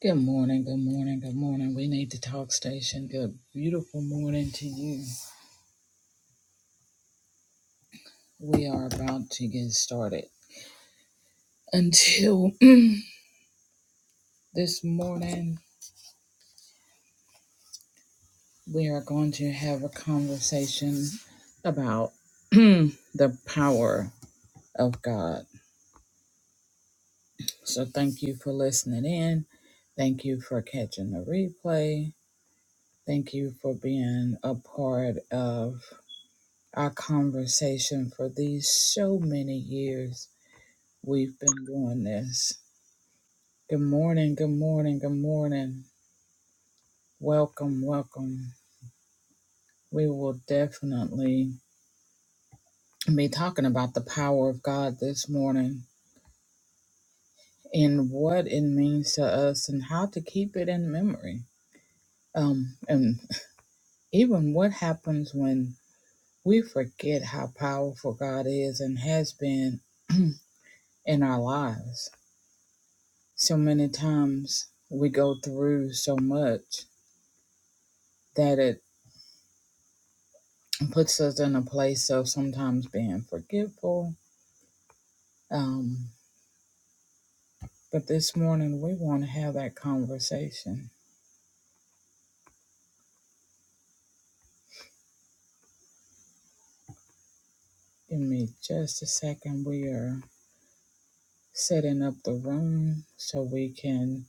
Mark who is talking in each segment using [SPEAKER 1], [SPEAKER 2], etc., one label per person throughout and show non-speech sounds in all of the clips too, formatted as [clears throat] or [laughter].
[SPEAKER 1] Good morning, good morning, good morning. We need to talk station. Good beautiful morning to you. We are about to get started. Until [clears throat] this morning, we are going to have a conversation about [clears throat] the power of God. So thank you for listening in. Thank you for catching the replay. Thank you for being a part of our conversation for these so many years We've been doing this. Good morning, good morning, good morning. Welcome, welcome. We will definitely be talking about the power of God this morning and what it means to us and how to keep it in memory. Um, and even what happens when we forget how powerful God is and has been [clears throat] in our lives. So many times we go through so much that it puts us in a place of sometimes being forgetful. Um, but this morning, we want to have that conversation. Give me just a second. We are setting up the room so we can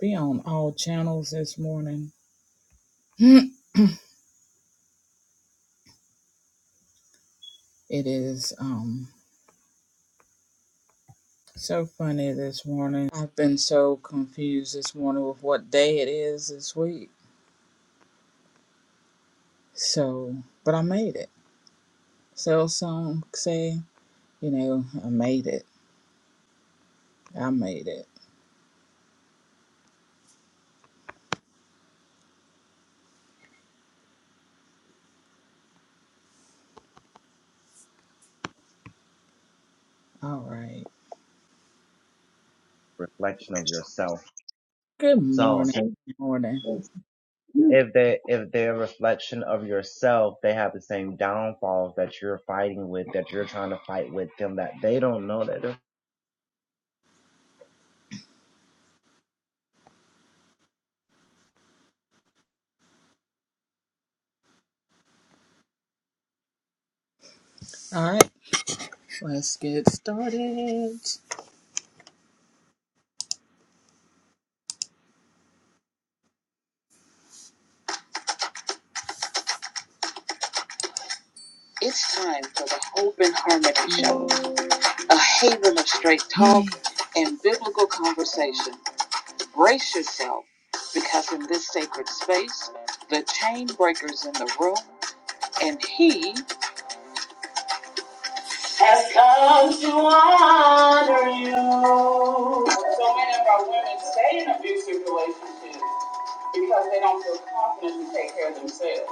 [SPEAKER 1] be on all channels this morning. [laughs] [clears throat] it is um, so funny this morning. I've been so confused this morning with what day it is this week. So, but I made it. So some say, you know, I made it. I made it. All right.
[SPEAKER 2] reflection of yourself.
[SPEAKER 1] Good
[SPEAKER 2] So
[SPEAKER 1] morning.
[SPEAKER 2] since
[SPEAKER 1] Morning.
[SPEAKER 2] if they if they're a reflection of yourself, they have the same downfalls that you're fighting with, that you're trying to fight with them that they don't know that they're
[SPEAKER 1] All right. Let's get started. It's time for the Hope and Harmony Show, a haven of straight talk and biblical conversation. Brace yourself, because in this sacred space, the chain breaker's in the room, and he has come to honor you. So many of our women stay in abusive relationships because they don't feel confident to take care of themselves.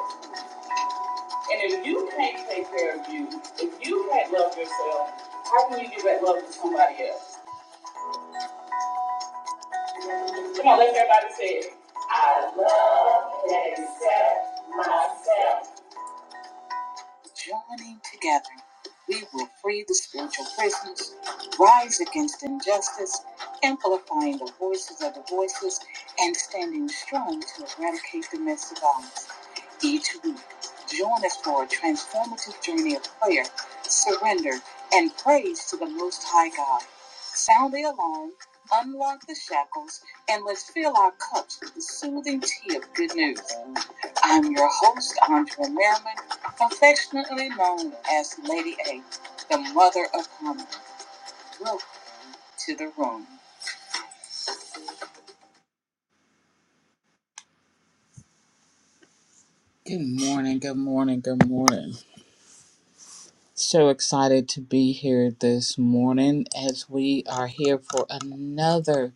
[SPEAKER 1] And if you can't take care of you, if you can't love yourself, how can you give that love to somebody else? Come on, let's everybody say it. I love and accept myself. Joining together, we will free the spiritual prisoners, rise against injustice, amplifying the voices of the voiceless, and standing strong to eradicate domestic violence. Each week, join us for a transformative journey of prayer, surrender, and praise to the Most High God. Sound the alarm, unlock the shackles, and let's fill our cups with the soothing tea of good news. I'm your host, Andrea Merriman, affectionately known as Lady A, the mother of harmony. Welcome to the room. Good morning, good morning, good morning. So excited to be here this morning as we are here for another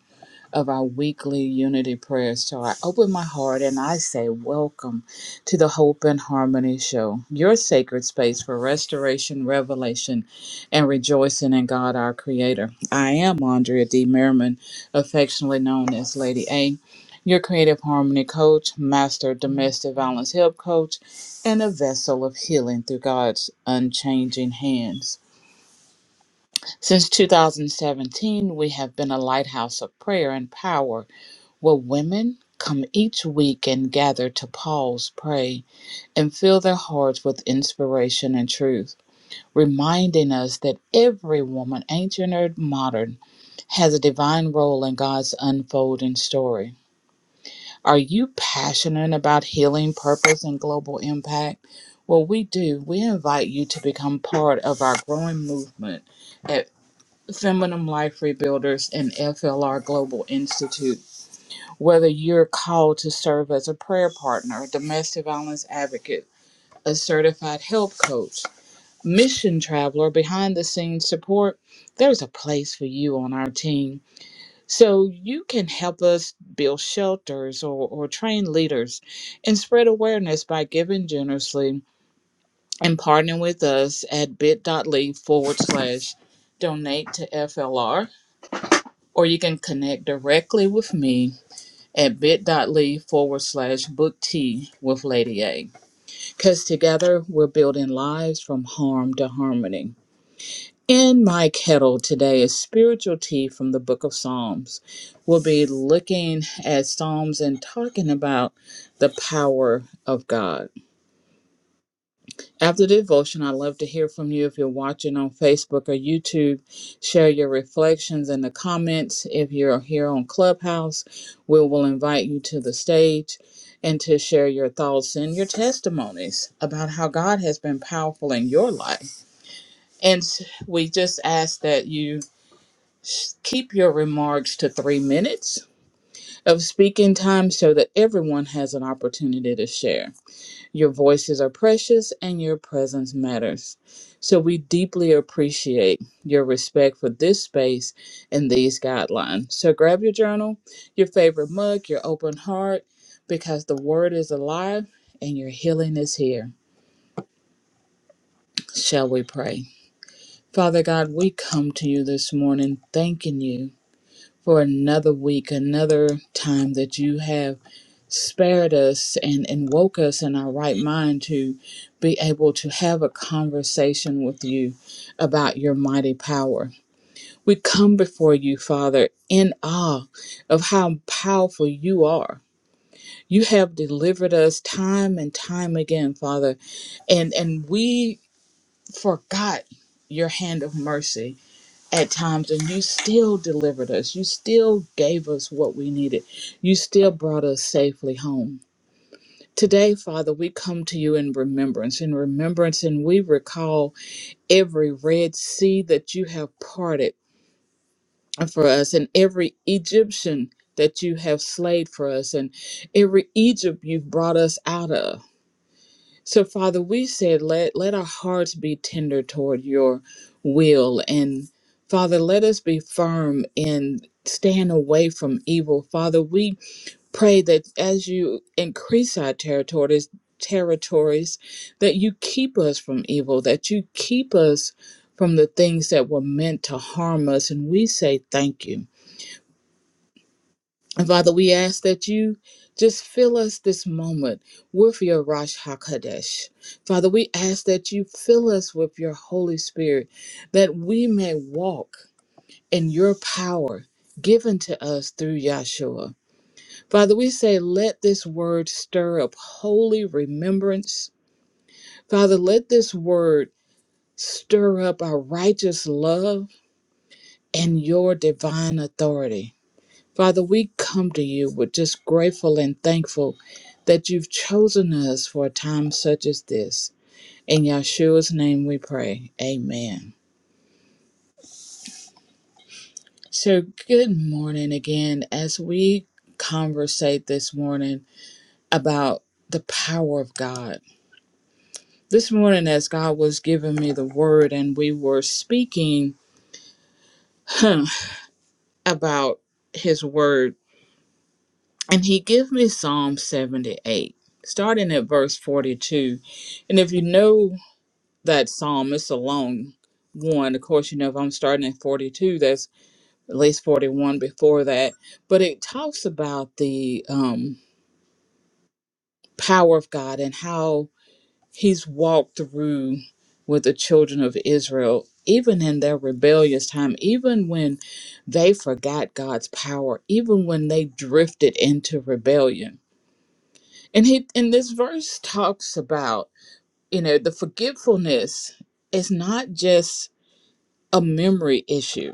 [SPEAKER 1] of our weekly unity prayers. So I open my heart and I say, Welcome to the Hope and Harmony Show, your sacred space for restoration, revelation, and rejoicing in God our Creator. I am Andrea D. Merriman, affectionately known as Lady A. Your creative harmony coach, master domestic violence help coach, and a vessel of healing through God's unchanging hands. Since 2017, we have been a lighthouse of prayer and power where women come each week and gather to pause, pray, and fill their hearts with inspiration and truth, reminding us that every woman, ancient or modern, has a divine role in God's unfolding story. Are you passionate about healing, purpose, and global impact? Well, we do. We invite you to become part of our growing movement at Feminine Life Rebuilders and FLR Global Institute whether you're called to serve as a prayer partner, a domestic violence advocate, a certified health coach, mission traveler, behind the scenes support, there's a place for you on our team. So you can help us build shelters or, or train leaders and spread awareness by giving generously and partnering with us at bit.ly forward slash donate to FLR, or you can connect directly with me at bit.ly forward slash book tea with Lady A. Because together we're building lives from harm to harmony. In my kettle today is spiritual tea from the book of Psalms. We'll be looking at Psalms and talking about the power of God. After the devotion, I'd love to hear from you if you're watching on Facebook or YouTube. Share your reflections in the comments. If you're here on Clubhouse, we will invite you to the stage and to share your thoughts and your testimonies about how God has been powerful in your life. And we just ask that you keep your remarks to three minutes of speaking time so that everyone has an opportunity to share. Your voices are precious and your presence matters. So we deeply appreciate your respect for this space and these guidelines. So grab your journal, your favorite mug, your open heart, because the word is alive and your healing is here. Shall we pray? Father God, we come to you this morning thanking you. for another week, another time that you have spared us and, and woke us in our right mind to be able to have a conversation with you about your mighty power. We come before you, Father, in awe of how powerful you are. You have delivered us time and time again, Father, and and we forgot your hand of mercy at times and you still delivered us. You still gave us what we needed. You still brought us safely home. Today, Father, we come to you in remembrance, in remembrance, and we recall every Red Sea that you have parted for us and every Egyptian that you have slayed for us and every Egypt you've brought us out of. So, Father, we said, let, let our hearts be tender toward your will. And, Father, let us be firm and stand away from evil. Father, we pray that as you increase our territories, territories, that you keep us from evil, that you keep us from the things that were meant to harm us. And we say thank you. And Father, we ask that you just fill us this moment with your Rosh HaKodesh. Father, we ask that you fill us with your Holy Spirit, that we may walk in your power given to us through Yahshua. Father, we say, let this word stir up holy remembrance. Father, let this word stir up our righteous love and your divine authority. Father, we come to you with just grateful and thankful that you've chosen us for a time such as this. In Yeshua's name we pray. Amen. So, good morning again as we conversate this morning about the power of God. This morning, as God was giving me the word and we were speaking [laughs] about his word, and he gave me Psalm 78, starting at verse 42. And if you know that psalm. It's a long one. Of course, you know, if I'm starting at 42, that's at least 41 before that. But it talks about the um, power of God and how he's walked through with the children of Israel, even in their rebellious time, even when they forgot God's power, even when they drifted into rebellion. And he and this verse talks about, you know, the forgetfulness is not just a memory issue.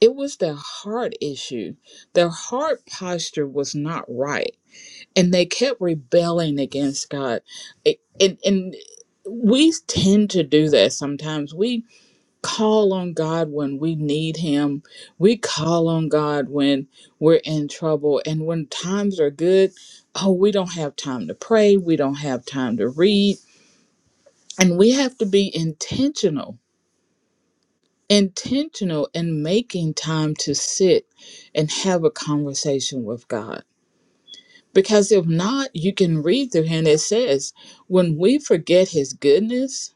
[SPEAKER 1] It was their heart issue. Their heart posture was not right, and they kept rebelling against God. It- And and we tend to do that sometimes. We call on God when we need Him. We call on God when we're in trouble, and when times are good, oh, we don't have time to pray. We don't have time to read, and we have to be intentional intentional in making time to sit and have a conversation with God. Because if not, you can read through here and it says, when we forget his goodness,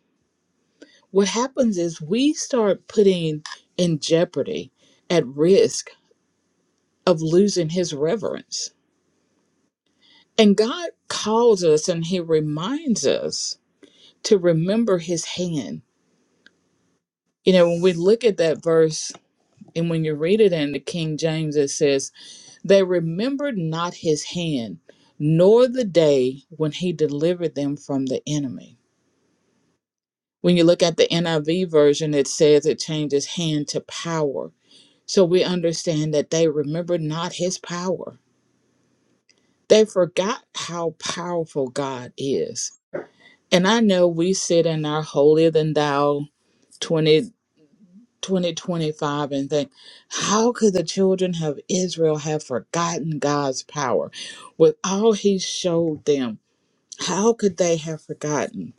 [SPEAKER 1] what happens is we start putting in jeopardy, at risk of losing his reverence. And God calls us and he reminds us to remember his hand. You know, when we look at that verse And when you read it in the King James, it says, They remembered not his hand, nor the day when he delivered them from the enemy. When you look at the NIV version, it says it changes hand to power. So we understand that they remembered not his power. They forgot how powerful God is. And I know we sit in our holier than thou twenty. 2025 and think, how could the children of Israel have forgotten God's power with all he showed them? How could they have forgotten?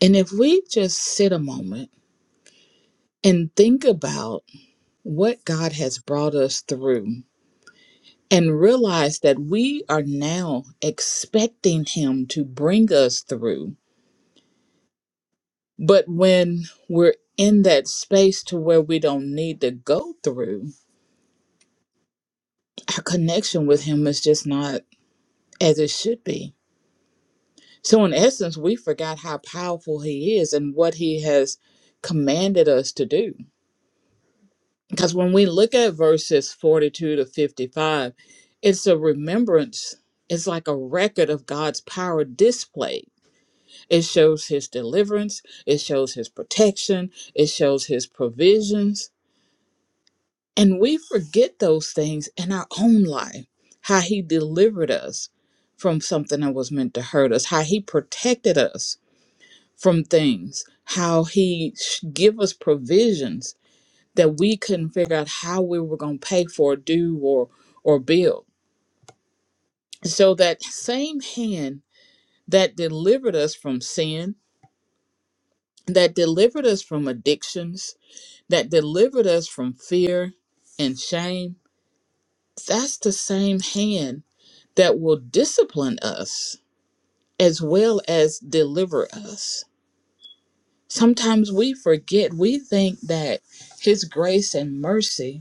[SPEAKER 1] And if we just sit a moment and think about what God has brought us through and realize that we are now expecting him to bring us through, but when we're in that space to where we don't need to go through, our connection with him is just not as it should be. So, in essence, we forgot how powerful He is and what He has commanded us to do. Because when we look at verses 42 to 55, it's a remembrance, it's like a record of God's power displayed. It shows His deliverance, it shows His protection, it shows His provisions. And we forget those things in our own life how He delivered us from something that was meant to hurt us, how He protected us from things, how he sh- give us provisions that we couldn't figure out how we were going to pay for, do, or or build. So that same hand that delivered us from sin, that delivered us from addictions, that delivered us from fear and shame, that's the same hand that will discipline us as well as deliver us. Sometimes we forget, we think that his grace and mercy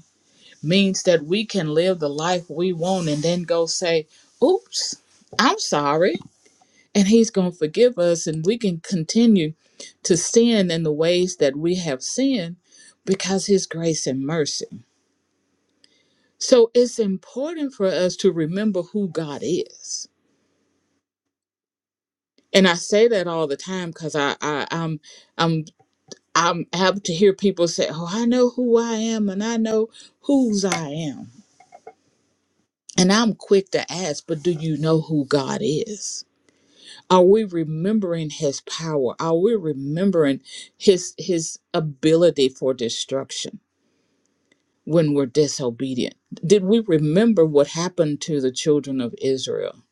[SPEAKER 1] means that we can live the life we want and then go say, oops, I'm sorry. And he's going to forgive us and we can continue to sin in the ways that we have sinned because his grace and mercy. So it's important for us to remember who God is. And I say that all the time because I, I I'm I'm I'm apt to hear people say, Oh, I know who I am and I know whose I am. And I'm quick to ask, but do you know who God is? are we remembering his power are we remembering his his ability for destruction when we're disobedient did we remember what happened to the children of israel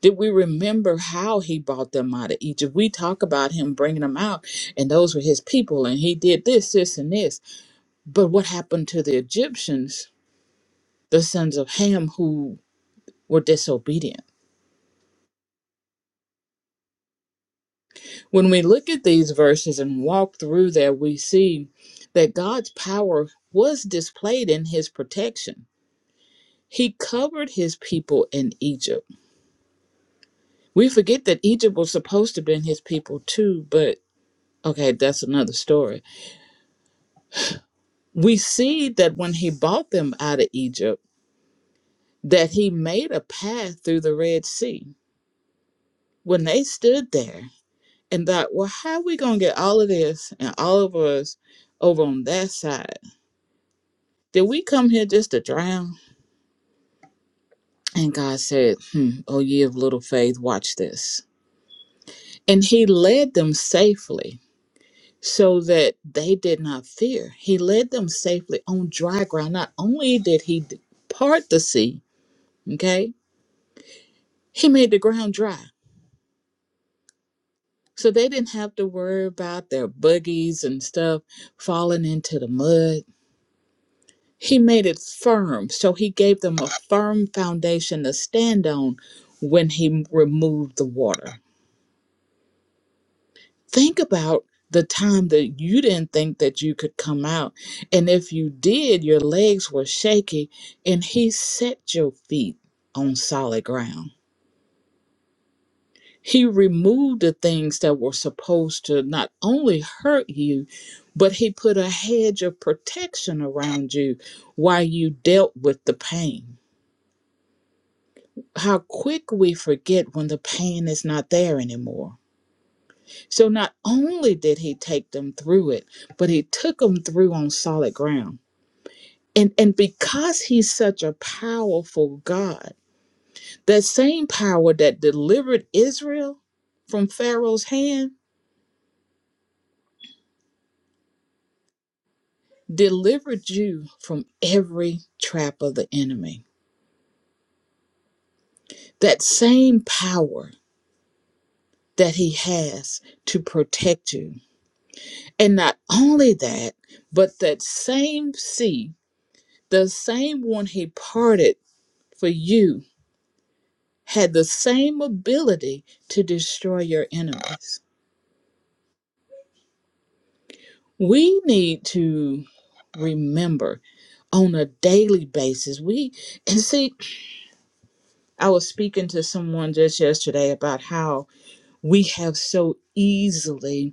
[SPEAKER 1] did we remember how he brought them out of egypt we talk about him bringing them out and those were his people and he did this this and this but what happened to the egyptians the sons of ham who were disobedient When we look at these verses and walk through there, we see that God's power was displayed in his protection. He covered his people in Egypt. We forget that Egypt was supposed to be his people too, but okay, that's another story. We see that when he brought them out of Egypt, that he made a path through the Red Sea. When they stood there and thought, well, how are we going to get all of this and all of us over on that side? Did we come here just to drown? And God said, hmm, O ye of little faith, watch this. And he led them safely so that they did not fear. He led them safely on dry ground. Not only did he d- part the sea, okay, he made the ground dry. So they didn't have to worry about their buggies and stuff falling into the mud. He made it firm. So he gave them a firm foundation to stand on when he removed the water. think about the time that you didn't think that you could come out. And if you did, your legs were shaky, and He set your feet on solid ground. He removed the things that were supposed to not only hurt you, but He put a hedge of protection around you while you dealt with the pain. How quick we forget when the pain is not there anymore So not only did he take them through it, but he took them through on solid ground. And, and because he's such a powerful God, that same power that delivered Israel from Pharaoh's hand delivered you from every trap of the enemy. That same power that he has to protect you. And not only that, but that same sea, the same one he parted for you had the same ability to destroy your enemies. We need to remember on a daily basis. We and see, I was speaking to someone just yesterday about how we have so easily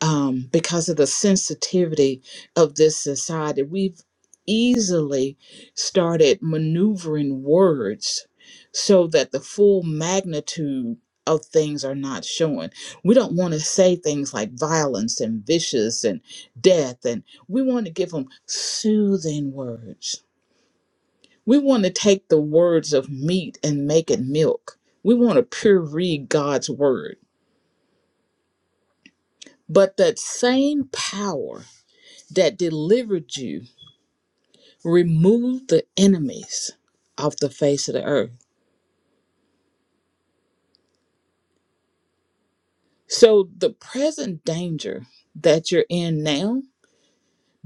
[SPEAKER 1] um, because of the sensitivity of this society, we've easily started maneuvering words so that the full magnitude of things are not shown. We don't want to say things like violence and vicious and death, and we want to give them soothing words. We want to take the words of meat and make it milk. We want to pure read God's word. But that same power that delivered you removed the enemies off the face of the earth. So the present danger that you're in now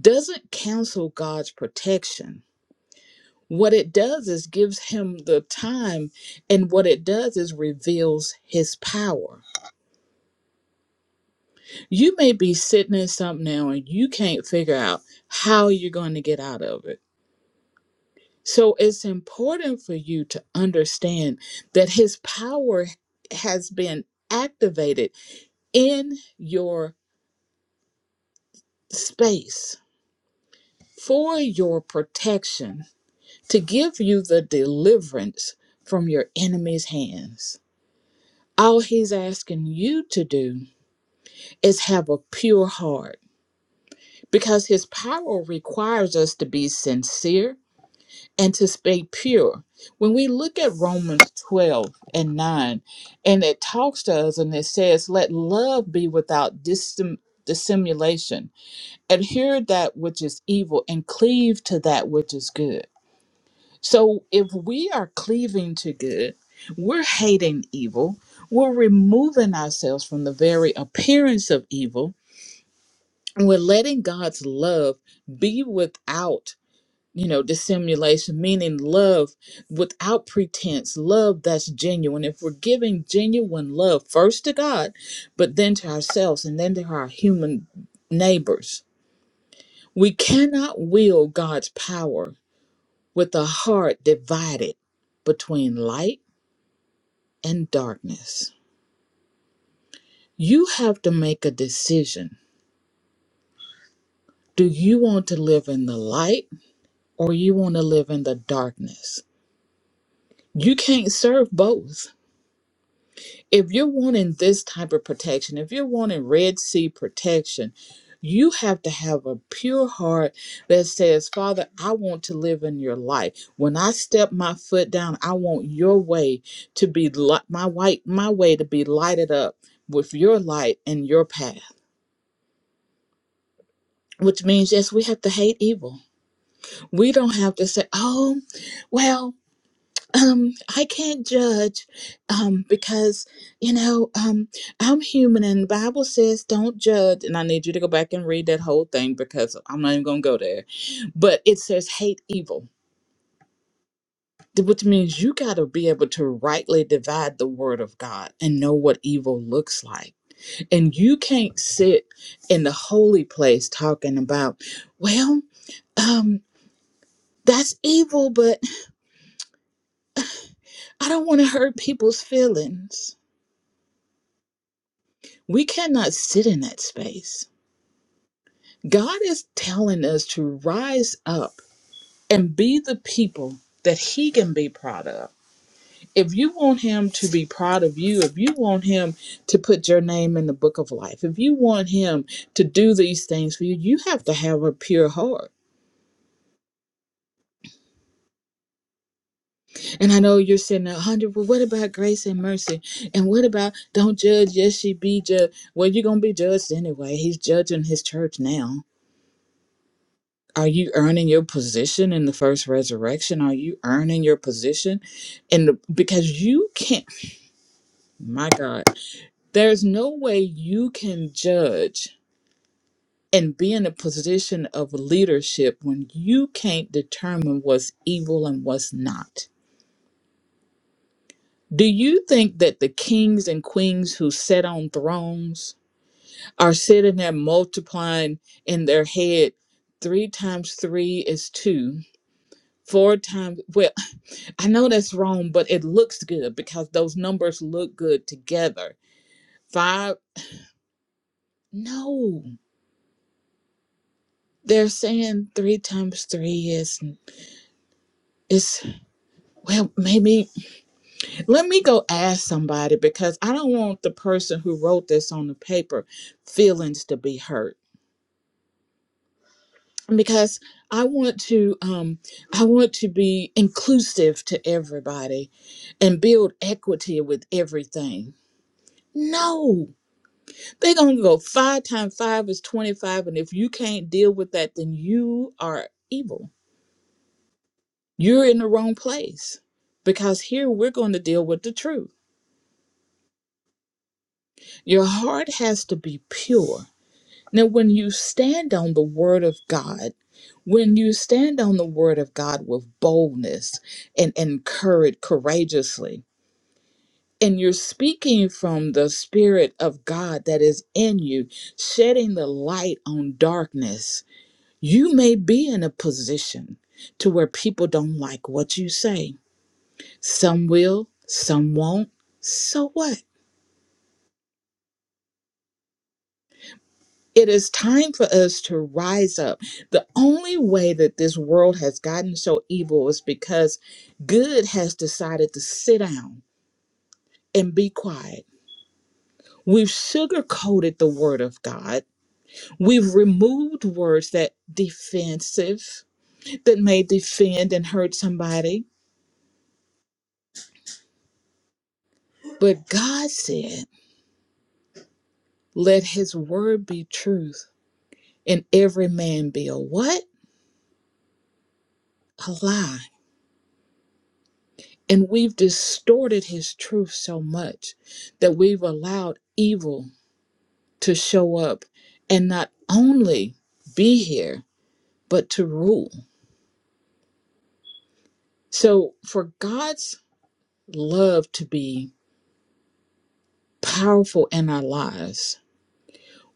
[SPEAKER 1] doesn't cancel God's protection. What it does is gives him the time, and what it does is reveals his power. You may be sitting in something now and you can't figure out how you're going to get out of it So it's important for you to understand that his power has been activated in your space for your protection to give you the deliverance from your enemy's hands. All he's asking you to do is have a pure heart because his power requires us to be sincere and to stay pure. When we look at Romans 12 and 9, and it talks to us and it says, Let love be without dissim- dissimulation, adhere that which is evil, and cleave to that which is good. So if we are cleaving to good, we're hating evil, we're removing ourselves from the very appearance of evil, and we're letting God's love be without you know dissimulation meaning love without pretense love that's genuine if we're giving genuine love first to god but then to ourselves and then to our human neighbors we cannot wield god's power with a heart divided between light and darkness you have to make a decision do you want to live in the light or you want to live in the darkness you can't serve both if you're wanting this type of protection, if you're wanting Red Sea protection, you have to have a pure heart that says, Father, I want to live in your life. When I step my foot down, I want your way to be li- my white my way to be lighted up with your light and your path. Which means yes, we have to hate evil. We don't have to say, Oh, well, um i can't judge um because you know um i'm human and the bible says don't judge and i need you to go back and read that whole thing because i'm not even gonna go there but it says hate evil which means you got to be able to rightly divide the word of god and know what evil looks like and you can't sit in the holy place talking about well um that's evil but i don't want to hurt people's feelings We cannot sit in that space. God is telling us to rise up and be the people that He can be proud of. If you want Him to be proud of you, if you want Him to put your name in the book of life, if you want Him to do these things for you, you have to have a pure heart. And I know you're saying, "A 100, well, what about grace and mercy? And what about don't judge, yes, she be judged? Well, you're going to be judged anyway. He's judging His church now Are you earning your position in the first resurrection? Are you earning your position in the because you can't my God, there's no way you can judge and be in a position of leadership when you can't determine what's evil and what's not. Do you think that the kings and queens who sit on thrones are sitting there multiplying in their head three times three is two, four times well [laughs] I know that's wrong, but it looks good because those numbers look good together. Five, no. They're saying three times three is is well maybe let me go ask somebody because I don't want the person who wrote this on the paper feelings to be hurt because I want to um I want to be inclusive to everybody and build equity with everything. No They're gonna go five times five is twenty-five, and if you can't deal with that, then you are evil. You're in the wrong place. Because here we're going to deal with the truth. Your heart has to be pure. Now, when you stand on the word of God, when you stand on the word of God with boldness and, and courage courageously, and you're speaking from the spirit of God that is in you, shedding the light on darkness, You may be in a position to where people don't like what you say. Some will, some won't. So what? It is time for us to rise up. The only way that this world has gotten so evil is because good has decided to sit down and be quiet. We've sugarcoated the word of God. We've removed words that defensive that may defend and hurt somebody. But God said Let his word be truth and every man be a what? A lie. And we've distorted his truth so much that we've allowed evil to show up and not only be here, but to rule. So for God's love to be powerful in our lives,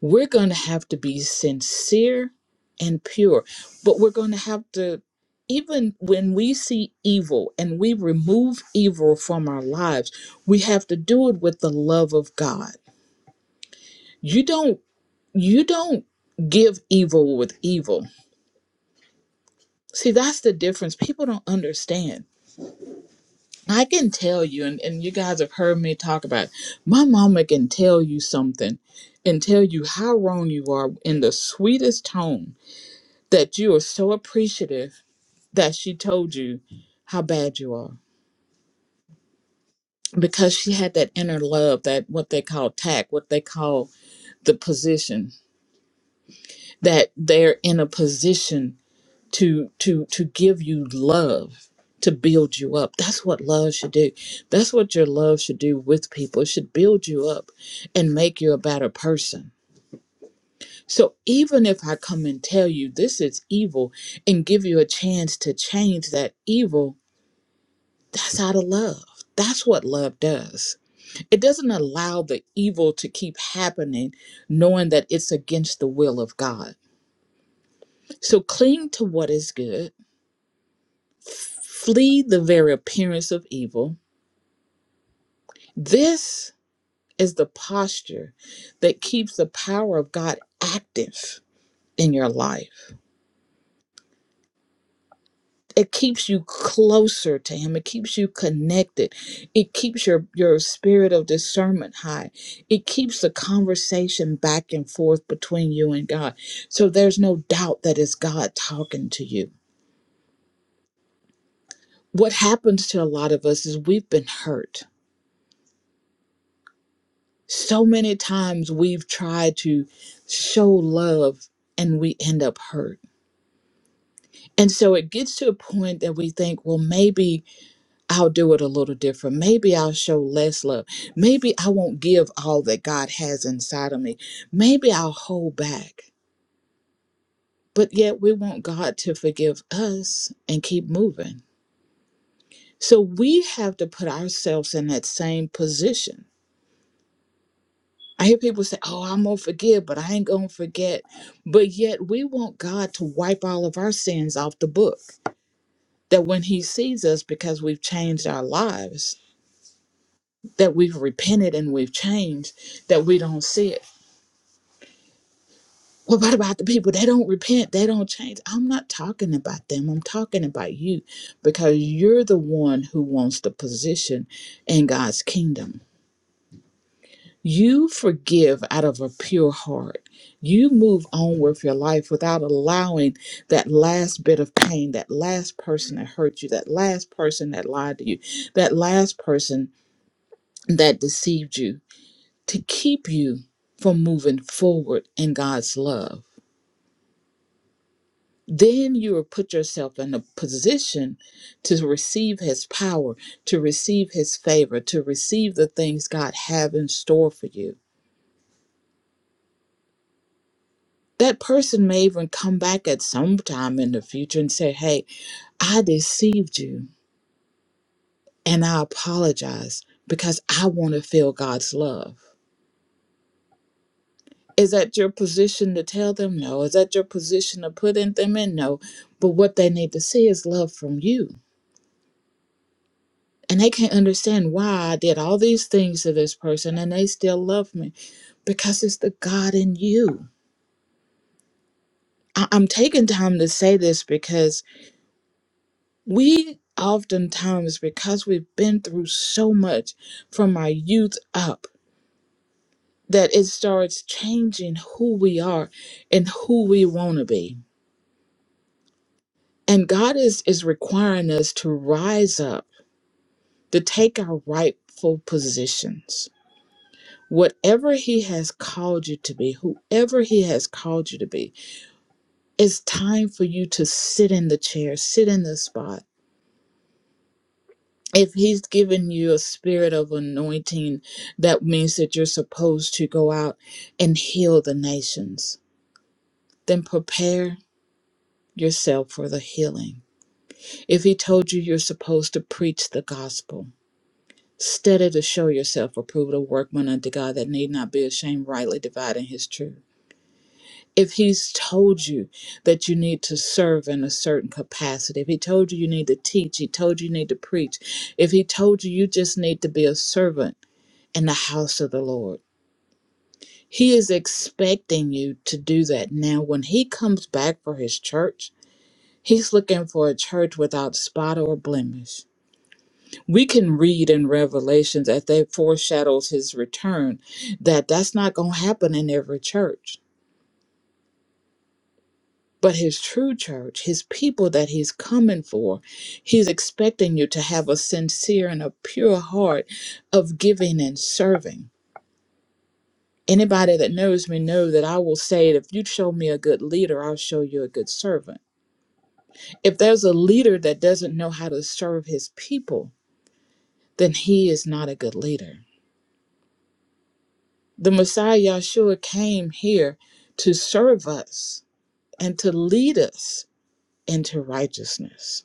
[SPEAKER 1] We're going to have to be sincere and pure, but we're going to have to, even when we see evil and we remove evil from our lives, we have to do it with the love of God. You don't, you don't give evil with evil. See, that's the difference. People don't understand. I can tell you, and, and you guys have heard me talk about it, my mama can tell you something and tell you how wrong you are in the sweetest tone that you are so appreciative that she told you how bad you are because she had that inner love that what they call tact what they call the position that they're in a position to to to give you love to build you up that's what love should do that's what your love should do with people it should build you up and make you a better person so even if i come and tell you this is evil and give you a chance to change that evil That's out of love. That's what love does. It doesn't allow the evil to keep happening, knowing that it's against the will of God. So cling to what is good, flee the very appearance of evil. This is the posture that keeps the power of God active in your life. it keeps you closer to him it keeps you connected it keeps your your spirit of discernment high it keeps the conversation back and forth between you and god so there's no doubt that it's god talking to you what happens to a lot of us is we've been hurt so many times we've tried to show love and we end up hurt and so it gets to a point that we think well maybe I'll do it a little different. Maybe I'll show less love. Maybe I won't give all that God has inside of me. Maybe I'll hold back. But yet we want God to forgive us and keep moving. So we have to put ourselves in that same position. I hear people say, Oh, I'm going to forgive, but I ain't going to forget. But yet we want God to wipe all of our sins off the book. That when He sees us because we've changed our lives, that we've repented and we've changed, that we don't see it. Well, what about the people? They don't repent. They don't change. I'm not talking about them. I'm talking about you because you're the one who wants the position in God's kingdom. You forgive out of a pure heart. You move on with your life without allowing that last bit of pain, that last person that hurt you, that last person that lied to you, that last person that deceived you to keep you from moving forward in God's love then you will put yourself in a position to receive his power, to receive his favor, to receive the things God have in store for you. That person may even come back at some time in the future and say, Hey, I deceived you and I apologize because I want to feel God's love. Is that your position to tell them no? Is that your position to put in them in no? But what they need to see is love from you And they can't understand why I did all these things to this person and they still love me because it's the God in you. I- I'm taking time to say this because we oftentimes, because we've been through so much from our youth up, that it starts changing who we are and who we want to be. And God is, is requiring us to rise up, to take our rightful positions Whatever He has called you to be, whoever He has called you to be, it's time for you to sit in the chair, sit in the spot. If He's given you a spirit of anointing, that means that you're supposed to go out and heal the nations. Then prepare yourself for the healing. If He told you you're supposed to preach the gospel, study to show yourself approved, a workman unto God that need not be ashamed, rightly dividing His truth if he's told you that you need to serve in a certain capacity, if he told you you need to teach, he told you you need to preach, if he told you you just need to be a servant in the house of the Lord, he is expecting you to do that. Now, when he comes back for his church, he's looking for a church without spot or blemish. We can read in Revelations that that foreshadows his return, that that's not going to happen in every church But his true church, his people that he's coming for, he's expecting you to have a sincere and a pure heart of giving and serving. Anybody that knows me know that I will say that if you show me a good leader, I'll show you a good servant. If there's a leader that doesn't know how to serve his people, then he is not a good leader. The Messiah Yahshua came here to serve us and to lead us into righteousness.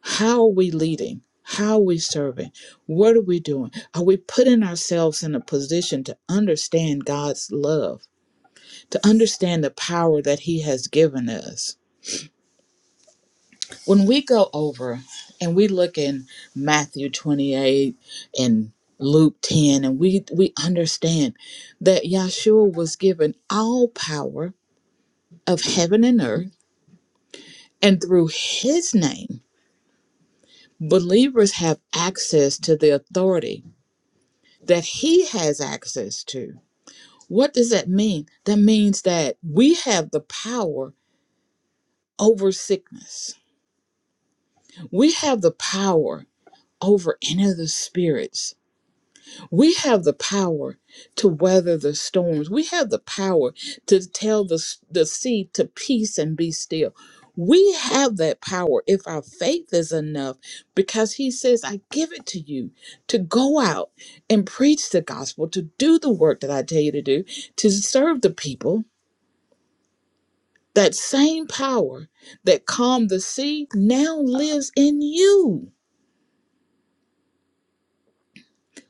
[SPEAKER 1] How are we leading? How are we serving? What are we doing? Are we putting ourselves in a position to understand God's love, to understand the power that He has given us? When we go over and we look in Matthew 28 and Luke 10, and we, we understand that Yahshua was given all power of heaven and earth, and through His name, believers have access to the authority that he has access to. What does that mean? That means that we have the power over sickness. We have the power over any of the spirits We have the power to weather the storms. We have the power to tell the, s- the sea to peace and be still. We have that power if our faith is enough because he says, I give it to you to go out and preach the gospel, to do the work that I tell you to do, to serve the people. That same power that calmed the sea now lives in you.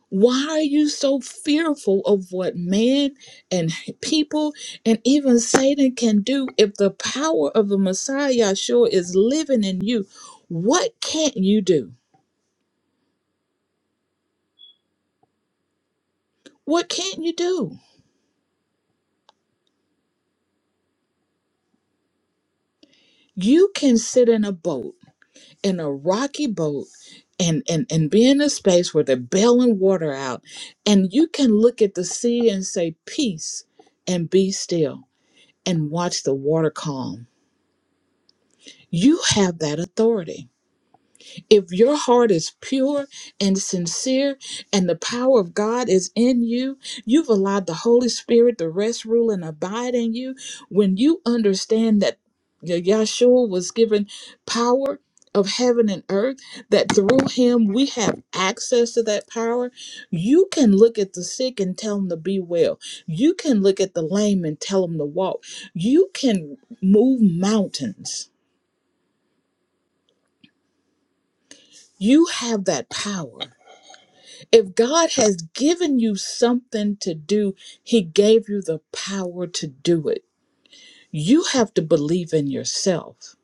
[SPEAKER 1] Why are you so fearful of what man and people and even Satan can do if the power of the Messiah Yahshua is living in you? What can't you do? What can't you do? You can sit in a boat, in a rocky boat, and, and, and be in a space where they're bailing water out, and you can look at the sea and say, Peace, and be still, and watch the water calm. You have that authority. if your heart is pure and sincere and the power of God is in you, you've allowed the Holy Spirit to rest, rule, and abide in you. When you understand that Y- Yahshua was given power of heaven and earth, that through him we have access to that power, you can look at the sick and tell them to be well. You can look at the lame and tell them to walk. You can move mountains. You have that power. If God has given you something to do, He gave you the power to do it. You have to believe in yourself.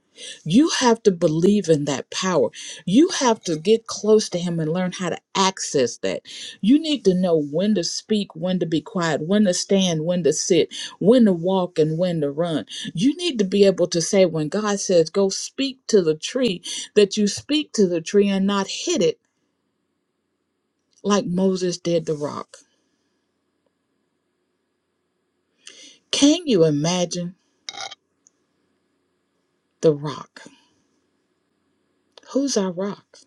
[SPEAKER 1] You have to believe in that power. You have to get close to Him and learn how to access that. You need to know when to speak, when to be quiet, when to stand, when to sit, when to walk, and when to run. You need to be able to say, when God says, go speak to the tree, that you speak to the tree and not hit it like Moses did the rock Can you imagine the rock? Who's our rock?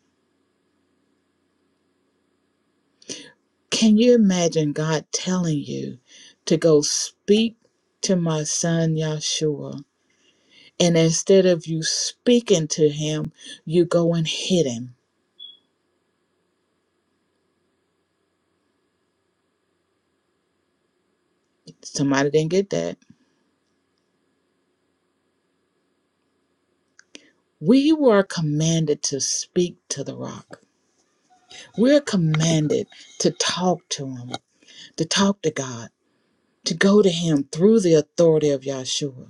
[SPEAKER 1] Can you imagine God telling you to go speak to my son Yahshua? And instead of you speaking to him, you go and hit him. Somebody didn't get that. We were commanded to speak to the rock. We're commanded to talk to him, to talk to God, to go to him through the authority of Yahshua.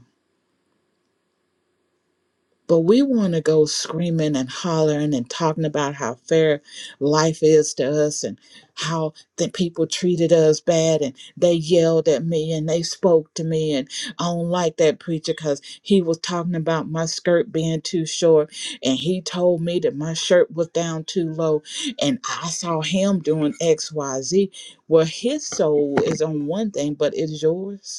[SPEAKER 1] But we want to go screaming and hollering and talking about how fair life is to us and how the people treated us bad and they yelled at me and they spoke to me. And I don't like that preacher because he was talking about my skirt being too short and he told me that my shirt was down too low. And I saw him doing XYZ. Well, his soul is on one thing, but is yours?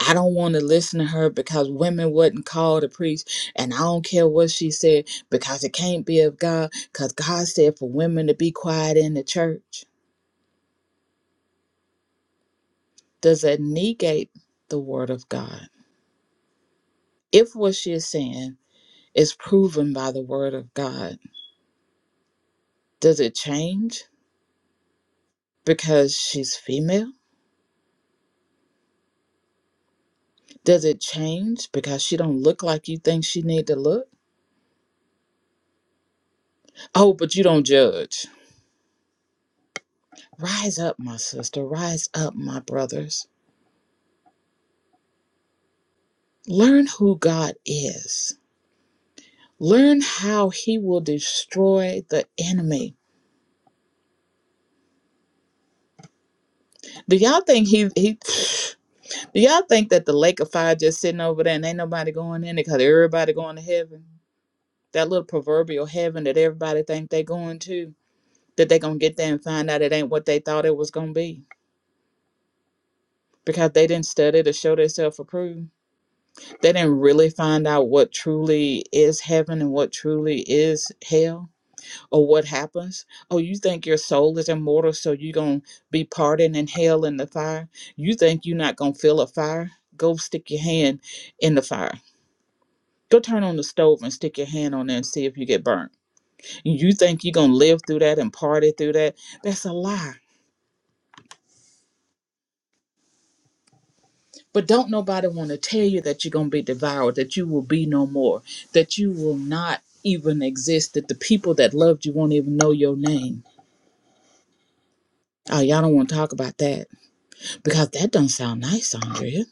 [SPEAKER 1] I don't want to listen to her because women wasn't called to preach, and I don't care what she said because it can't be of God. Because God said for women to be quiet in the church. Does that negate the word of God? If what she is saying is proven by the word of God, does it change because she's female? Does it change because she don't look like you think she need to look? Oh, but you don't judge. Rise up, my sister. Rise up, my brothers Learn who God is. Learn how he will destroy the enemy. Do y'all think he, he do y'all think that the lake of fire just sitting over there and ain't nobody going in it because everybody going to heaven? That little proverbial heaven that everybody think they going to, that they gonna get there and find out it ain't what they thought it was gonna be. Because they didn't study to show themselves approved. They didn't really find out what truly is heaven and what truly is hell or what happens? Oh, you think your soul is immortal, so you're going to be pardoned in hell in the fire? You think you're not going to feel a fire? Go stick your hand in the fire. Go turn on the stove and stick your hand on there and see if you get burnt. You think you're going to live through that and party through that? That's a lie. But don't nobody want to tell you that you're going to be devoured, that you will be no more, that you will not even exist, that the people that loved you won't even know your name. Oh, y'all don't want to talk about that because that don't sound nice, Andrea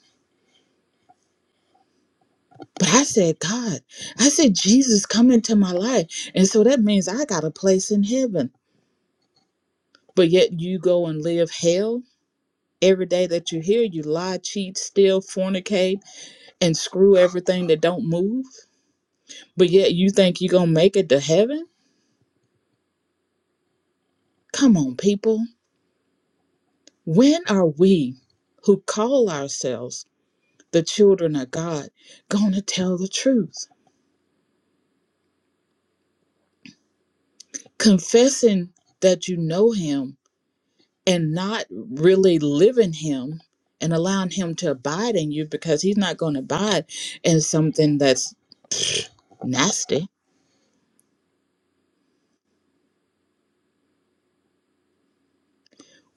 [SPEAKER 1] But I said, God, I said, Jesus, come into my life. And so that means I got a place in heaven. But yet you go and live hell every day that you're here. You lie, cheat, steal, fornicate, and screw everything that don't move. But yet you think you're going to make it to heaven? Come on, people. When are we who call ourselves the children of God going to tell the truth? Confessing that you know Him and not really living him and allowing him to abide in you because he's not going to abide in something that's nasty.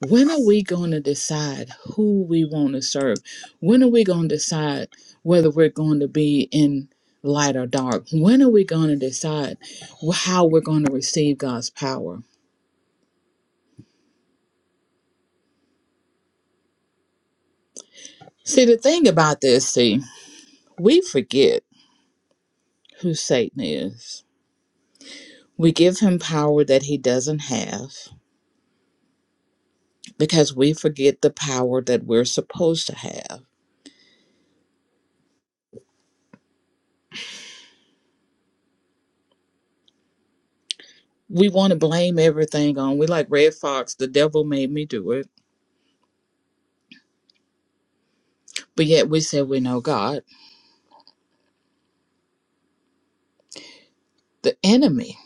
[SPEAKER 1] When are we going to decide who we want to serve? When are we going to decide whether we're going to be in light or dark? When are we going to decide wh- how we're going to receive God's power? See, the thing about this, see, we forget who Satan is. We give him power that he doesn't have because we forget the power that we're supposed to have. We want to blame everything on, we like Red Fox, the devil made me do it. But yet we say we know God. The enemy,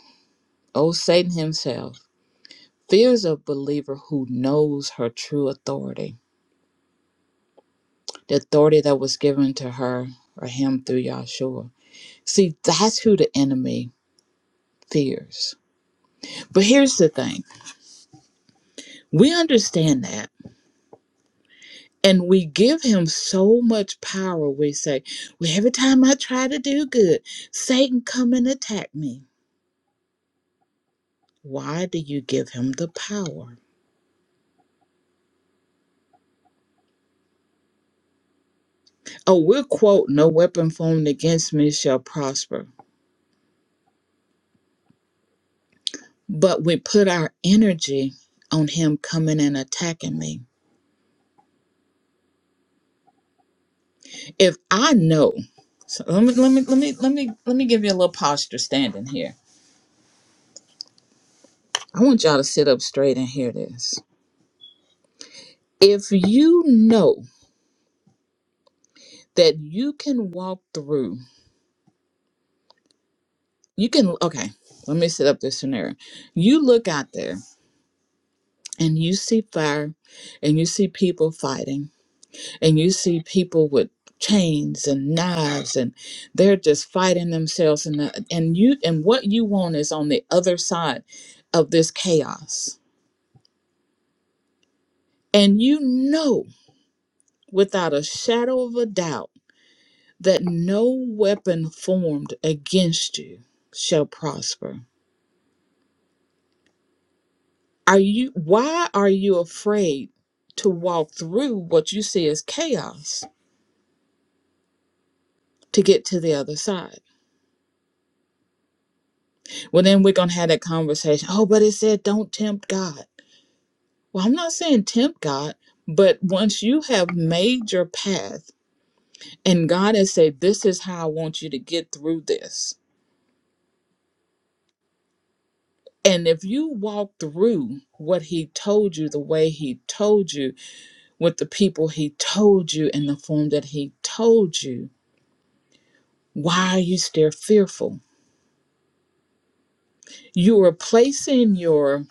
[SPEAKER 1] oh Satan himself, fears a believer who knows her true authority, the authority that was given to her or him through Yahshua. See, that's who the enemy fears. But here's the thing we understand that. And we give him so much power. We say, well, every time I try to do good, Satan come and attack me. Why do you give him the power? Oh, we'll quote, no weapon formed against me shall prosper. But we put our energy on him coming and attacking me. If I know, so let me let me let me let me let me give you a little posture standing here. I want y'all to sit up straight and hear this. If you know that you can walk through You can, okay, let me set up this scenario. You look out there and you see fire and you see people fighting and you see people with chains and knives and they're just fighting themselves and the, and you and what you want is on the other side of this chaos. And you know without a shadow of a doubt that no weapon formed against you shall prosper Are you why are you afraid to walk through what you see as chaos to get to the other side? Well then we're gonna have that conversation. Oh, but it said don't tempt God. Well, I'm not saying tempt God, but once you have made your path and God has said, This is how I want you to get through this. And if you walk through what he told you the way he told you, with the people he told you in the form that he told you, why are you still fearful? you are placing your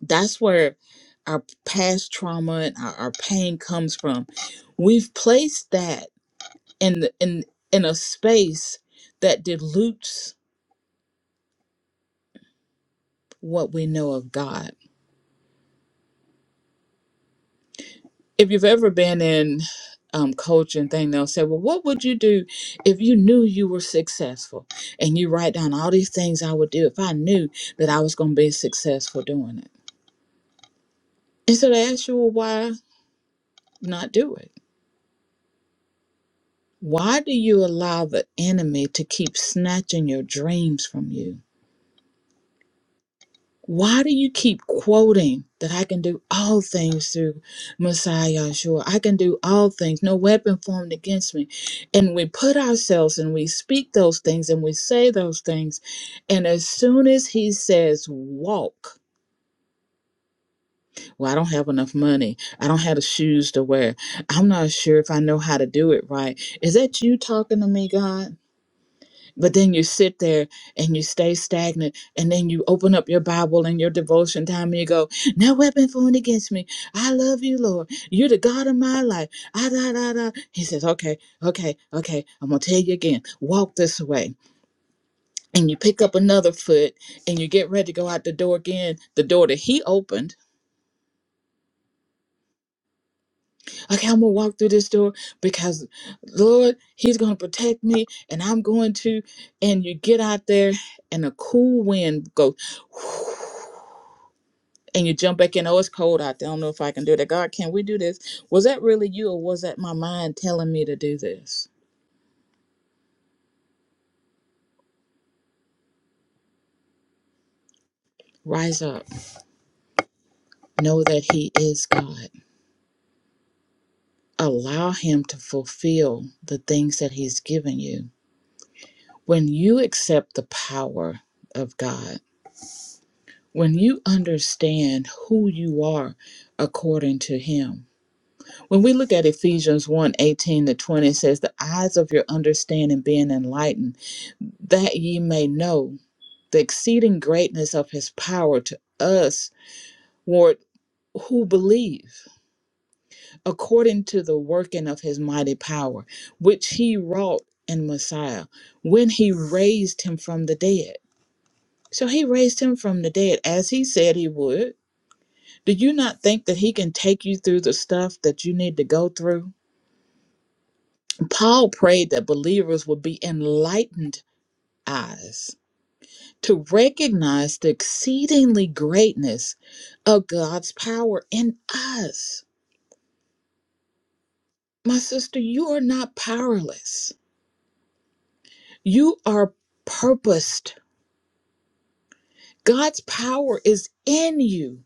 [SPEAKER 1] that's where our past trauma and our, our pain comes from we've placed that in the, in in a space that dilutes what we know of god if you've ever been in um, coaching thing they'll say well what would you do if you knew you were successful and you write down all these things i would do if i knew that i was going to be successful doing it and so they ask you well why not do it Why do you allow the enemy to keep snatching your dreams from you? Why do you keep quoting that I can do all things through Messiah Yahshua? I can do all things, no weapon formed against me. And we put ourselves and we speak those things and we say those things. And as soon as he says, walk, well, I don't have enough money. I don't have the shoes to wear. I'm not sure if I know how to do it right. Is that you talking to me, God? But then you sit there and you stay stagnant, and then you open up your Bible and your devotion time, and you go, "No weapon formed against me. I love you, Lord. You're the God of my life." Ah, da, da, da. He says, "Okay, okay, okay. I'm gonna tell you again. Walk this way." And you pick up another foot, and you get ready to go out the door again, the door that He opened. Okay, I'm gonna walk through this door because, Lord, He's gonna protect me, and I'm going to. And you get out there, and a cool wind goes. [sighs] and you jump back in. Oh, it's cold out there. I don't know if I can do that. God, can we do this? Was that really you, or was that my mind telling me to do this? Rise up. Know that He is God. Allow Him to fulfill the things that He's given you. When you accept the power of God, when you understand who you are according to Him, when we look at Ephesians one 18 to 20, it says, The eyes of your understanding being enlightened, that ye may know. the exceeding greatness of his power to us, Lord, who believe, according to the working of his mighty power, which he wrought in Messiah when he raised him from the dead. So he raised him from the dead as he said he would. Do you not think that he can take you through the stuff that you need to go through? Paul prayed that believers would be enlightened eyes to recognize the exceedingly greatness of God's power in us. My sister, you are not powerless. You are purposed. God's power is in you.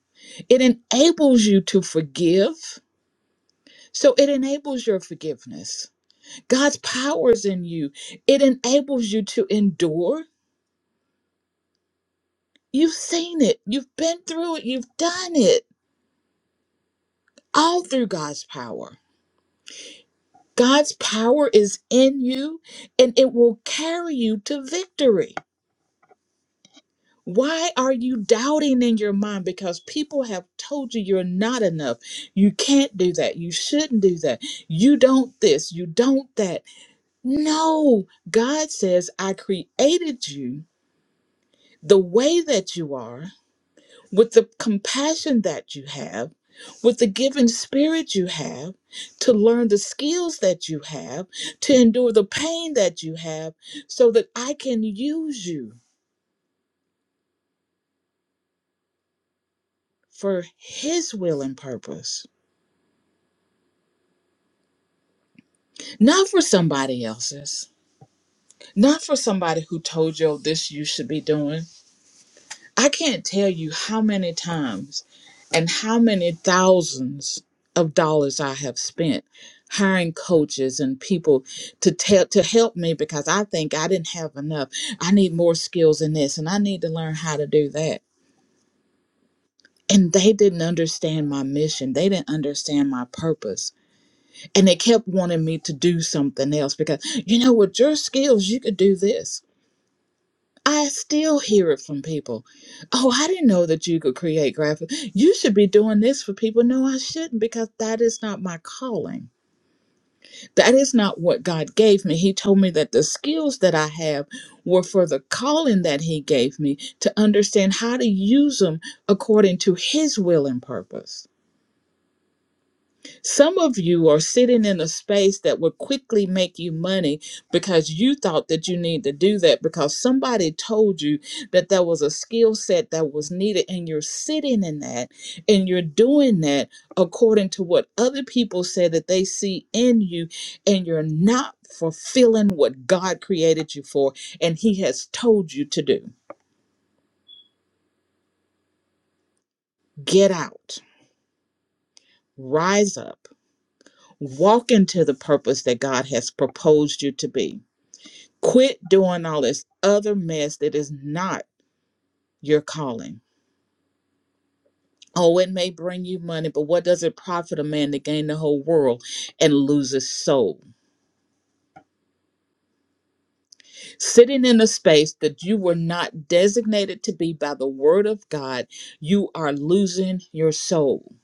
[SPEAKER 1] It enables you to forgive. So it enables your forgiveness. God's power is in you. It enables you to endure. You've seen it. You've been through it. You've done it all through God's power. God's power is in you and it will carry you to victory. Why are you doubting in your mind? Because people have told you you're not enough. You can't do that. You shouldn't do that. You don't this. You don't that. No, God says, I created you the way that you are. with the compassion that you have, with the giving spirit you have, to learn the skills that you have, to endure the pain that you have, so that I can use you for His will and purpose, not for somebody else's, not for somebody who told you "Oh, this you should be doing. I can't tell you how many times and how many thousands of dollars I have spent hiring coaches and people to tell to help me because I think I didn't have enough. I need more skills in this and I need to learn how to do that. And they didn't understand my mission. They didn't understand my purpose. And they kept wanting me to do something else because you know with your skills you could do this I still hear it from people. Oh, I didn't know that you could create graphics. You should be doing this for people. No, I shouldn't because that is not my calling. That is not what God gave me. He told me that the skills that I have were for the calling that He gave me to understand how to use them according to His will and purpose. Some of you are sitting in a space that will quickly make you money because you thought that you need to do that because somebody told you that there was a skill set that was needed, and you're sitting in that and you're doing that according to what other people said that they see in you, and you're not fulfilling what God created you for and He has told you to do. Get out, rise up, walk into the purpose that God has proposed you to be Quit doing all this other mess that is not your calling. Oh, it may bring you money, but what does it profit a man to gain the whole world and lose his soul? Sitting in a space that you were not designated to be by the word of God, you are losing your soul.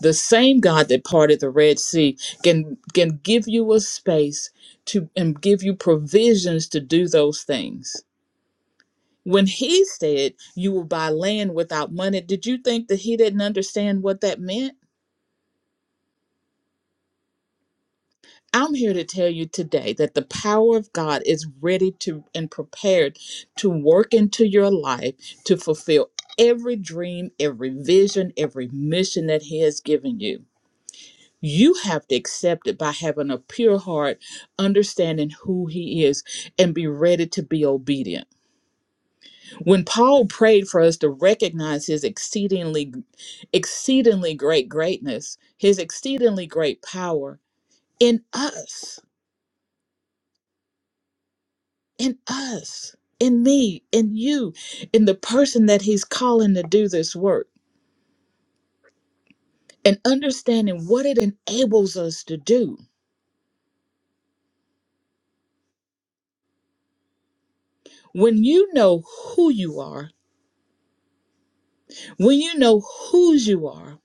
[SPEAKER 1] The same God that parted the Red Sea can can give you a space to and give you provisions to do those things. When he said, You will buy land without money, did you think that he didn't understand what that meant? I'm here to tell you today that the power of God is ready to and prepared to work into your life to fulfill every dream, every vision, every mission that he has given you. You have to accept it by having a pure heart, understanding who he is, and be ready to be obedient. When Paul prayed for us to recognize his exceedingly exceedingly great greatness, his exceedingly great power in us, in us, in me, in you, in the person that he's calling to do this work, and understanding what it enables us to do. When you know who you are, when you know whose you are,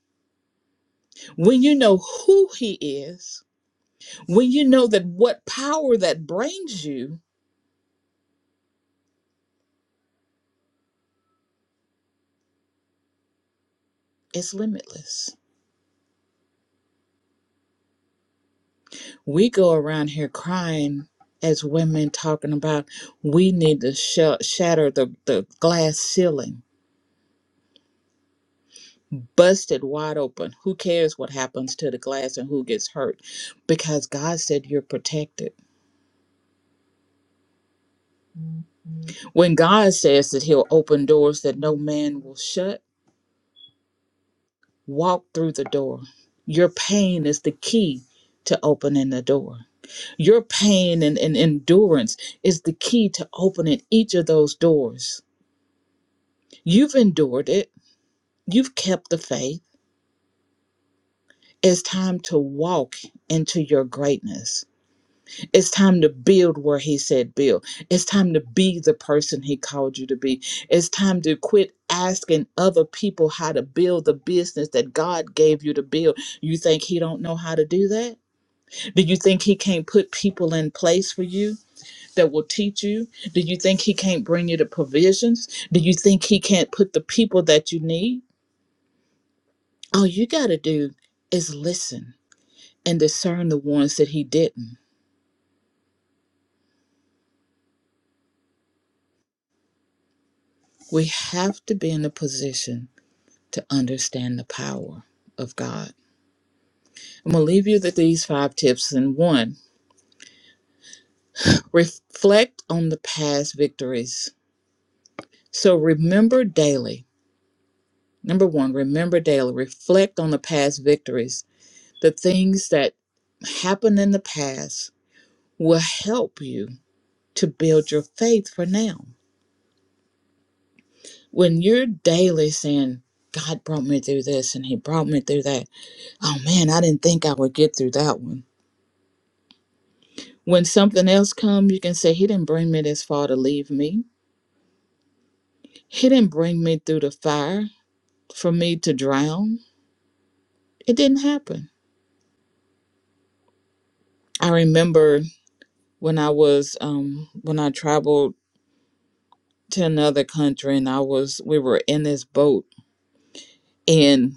[SPEAKER 1] when you know who he is, when you know that what power that brings you is limitless we go around here crying as women talking about we need to sh- shatter the, the glass ceiling busted wide open who cares what happens to the glass and who gets hurt because god said you're protected when god says that he'll open doors that no man will shut walk through the door your pain is the key to opening the door your pain and, and endurance is the key to opening each of those doors you've endured it You've kept the faith. It's time to walk into your greatness. It's time to build where He said build. It's time to be the person He called you to be. It's time to quit asking other people how to build the business that God gave you to build. You think He don't know how to do that? Do you think He can't put people in place for you that will teach you? Do you think He can't bring you the provisions? Do you think He can't put the people that you need? All you got to do is listen and discern the ones that he didn't. We have to be in a position to understand the power of God. I'm going to leave you with these five tips. And one, reflect on the past victories. So remember daily. Number one, remember daily. Reflect on the past victories. The things that happened in the past will help you to build your faith for now. When you're daily saying, God brought me through this and He brought me through that, Oh man, I didn't think I would get through that one. When something else comes, you can say, He didn't bring me this far to leave me. He didn't bring me through the fire for me to drown. It didn't happen. I remember when I was um when I traveled to another country and I was we were in this boat and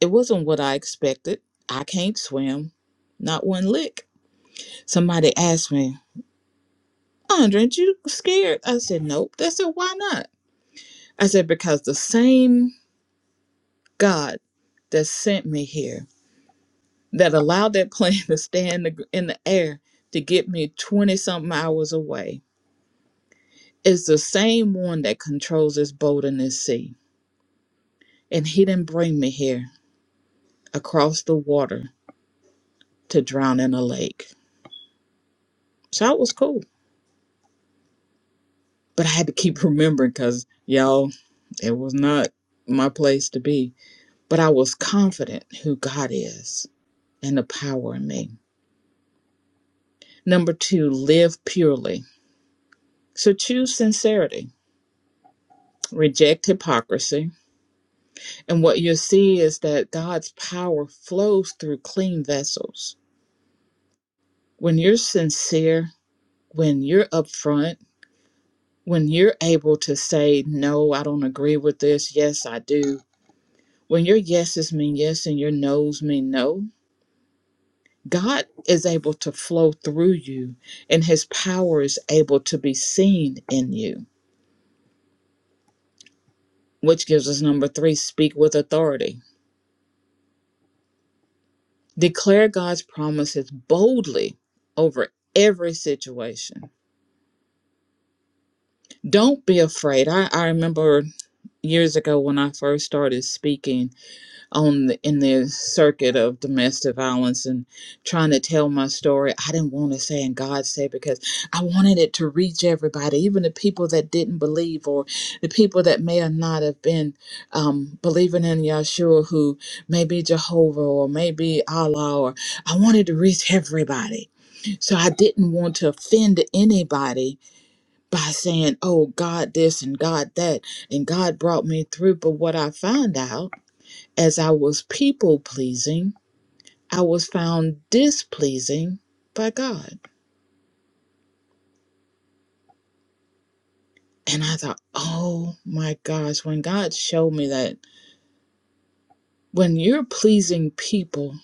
[SPEAKER 1] it wasn't what I expected. I can't swim, not one lick. Somebody asked me, Andre, aren't you scared? I said, Nope. They said, Why not? I said, Because the same God that sent me here, that allowed that [laughs] plane to stay in the, in the air to get me 20 something hours away, is the same one that controls this boat in this sea. And he didn't bring me here across the water to drown in a lake. So it was cool. But I had to keep [laughs] remembering because, y'all, it was not my place to be. But I was confident who God is and the power in me. Number two, live purely. So choose sincerity reject hypocrisy. And what you'll see is that God's power flows through clean vessels. When you're sincere, when you're upfront, when you're able to say, no, I don't agree with this, yes, I do, when your yeses mean yes and your nos mean no, God is able to flow through you and his power is able to be seen in you, which gives us number three speak with authority Declare God's promises boldly over every situation. Don't be afraid. I, I remember years ago when I first started speaking on the, in the circuit of domestic violence and trying to tell my story. I didn't want to say and God said because I wanted it to reach everybody, even the people that didn't believe or the people that may or not have been um, believing in Yahshua, who may be Jehovah or maybe Allah. Or I wanted to reach everybody So I didn't want to offend anybody by saying, oh, God this and God that, and God brought me through. But what I found out as I was people pleasing, I was found displeasing by God. And I thought, oh my gosh, when God showed me that when you're pleasing people,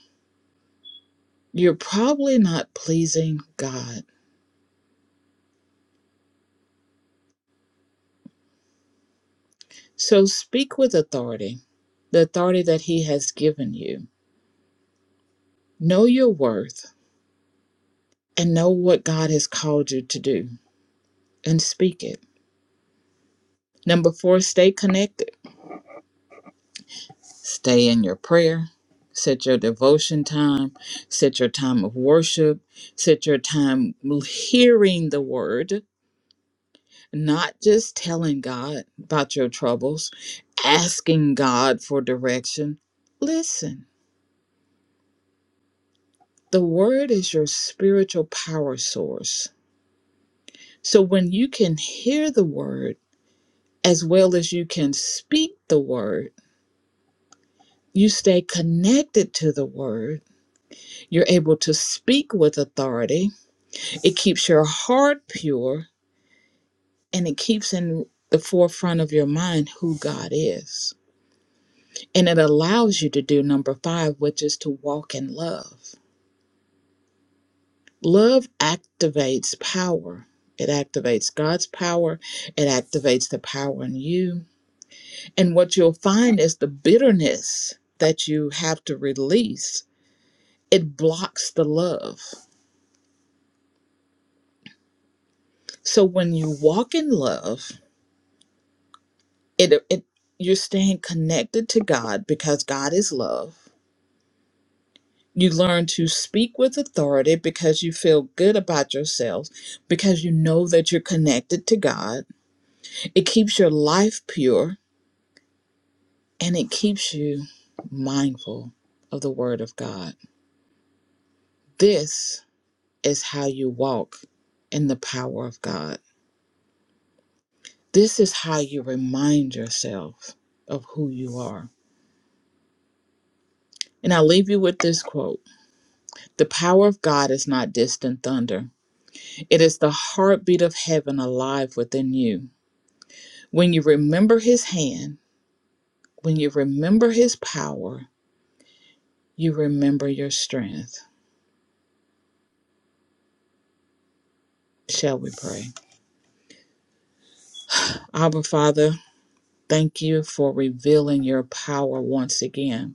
[SPEAKER 1] you're probably not pleasing God. So speak with authority, the authority that He has given you. Know your worth and know what God has called you to do and speak it. Number four, stay connected. Stay in your prayer. Set your devotion time. Set your time of worship. Set your time hearing the word, not just telling God about your troubles, asking God for direction. Listen, the word is your spiritual power source. So when you can hear the word as well as you can speak the word, you stay connected to the word. You're able to speak with authority. It keeps your heart pure and it keeps in the forefront of your mind who God is. And it allows you to do number five, which is to walk in love. Love activates power. It activates God's power. It activates the power in you. And what you'll find is the bitterness that you have to release, it blocks the love So when you walk in love, it it you're staying connected to God because God is love. You learn to speak with authority because you feel good about yourself because you know that you're connected to God. It keeps your life pure and it keeps you mindful of the word of God. This is how you walk in the power of God. This is how you remind yourself of who you are. And I leave you with this quote The power of God is not distant thunder. It is the heartbeat of heaven alive within you. When you remember his hand, when you remember his power, you remember your strength. Shall we pray? Our Father, thank you for revealing your power once again.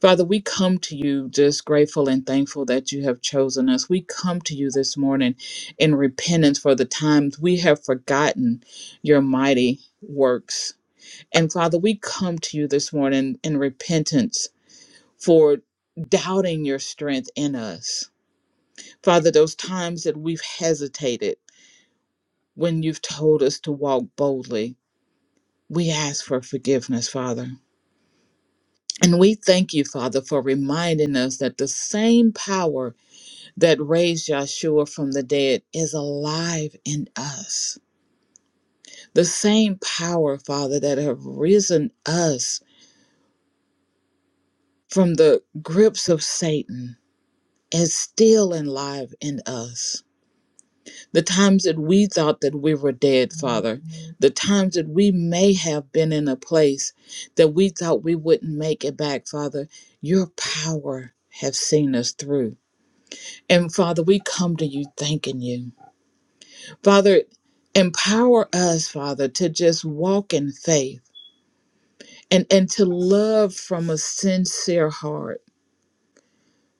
[SPEAKER 1] Father, we come to you just grateful and thankful that you have chosen us. We come to you this morning in repentance for the times we have forgotten your mighty works And Father, we come to you this morning in repentance for doubting your strength in us. Father, those times that we've hesitated when you've told us to walk boldly, we ask for forgiveness, Father. And we thank you, Father, for reminding us that the same power that raised Yahshua from the dead is alive in us. The same power, Father, that have risen us from the grips of Satan is still alive in us. The times that we thought that we were dead, Father, the times that we may have been in a place that we thought we wouldn't make it back, Father, your power has seen us through. And Father, we come to you thanking you. Father, empower us, Father, to just walk in faith and, and to love from a sincere heart.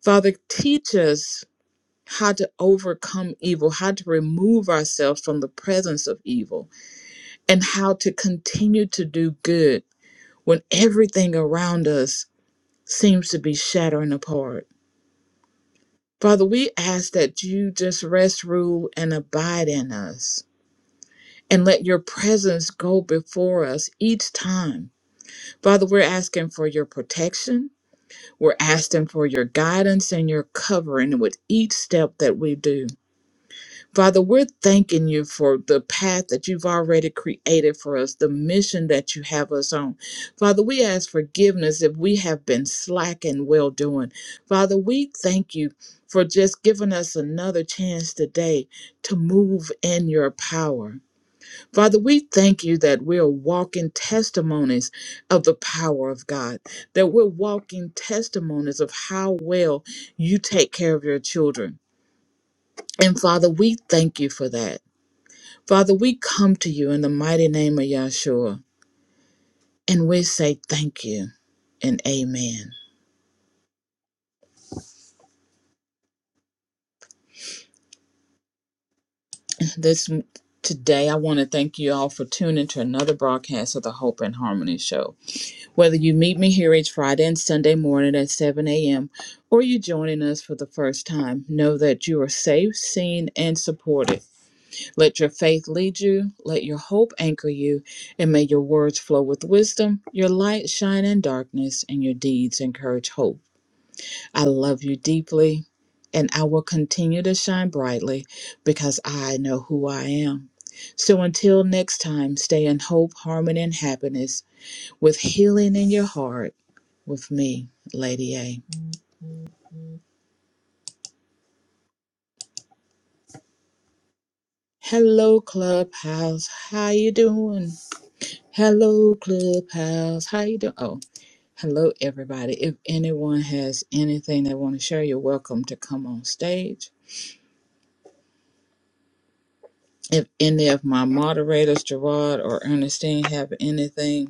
[SPEAKER 1] Father, teach us how to overcome evil, how to remove ourselves from the presence of evil, and how to continue to do good when everything around us seems to be shattering apart. Father, we ask that you just rest, rule, and abide in us. And let your presence go before us each time. Father, we're asking for your protection. We're asking for your guidance and your covering with each step that we do. Father, we're thanking you for the path that you've already created for us, the mission that you have us on. Father, we ask forgiveness if we have been slack in well doing. Father, we thank you for just giving us another chance today to move in your power. Father, we thank you that we're walking testimonies of the power of God, that we're walking testimonies of how well you take care of your children. And Father, we thank you for that. Father, we come to you in the mighty name of Yahshua, and we say thank you and amen. This today, I want to thank you all for tuning to another broadcast of the Hope and Harmony Show. Whether you meet me here each Friday and Sunday morning at 7 a.m., or you are joining us for the first time, know that you are safe, seen, and supported. Let your faith lead you, let your hope anchor you, and may your words flow with wisdom, your light shine in darkness, and your deeds encourage hope. I love you deeply, and I will continue to shine brightly because I know who I am. So until next time, stay in hope, harmony, and happiness with healing in your heart with me, Lady A. Hello, Clubhouse. How you doing? Hello, Clubhouse. How you doing? Oh, hello, everybody. If anyone has anything they want to share, you're welcome to come on stage. If any of my moderators, Gerard or Ernestine, have anything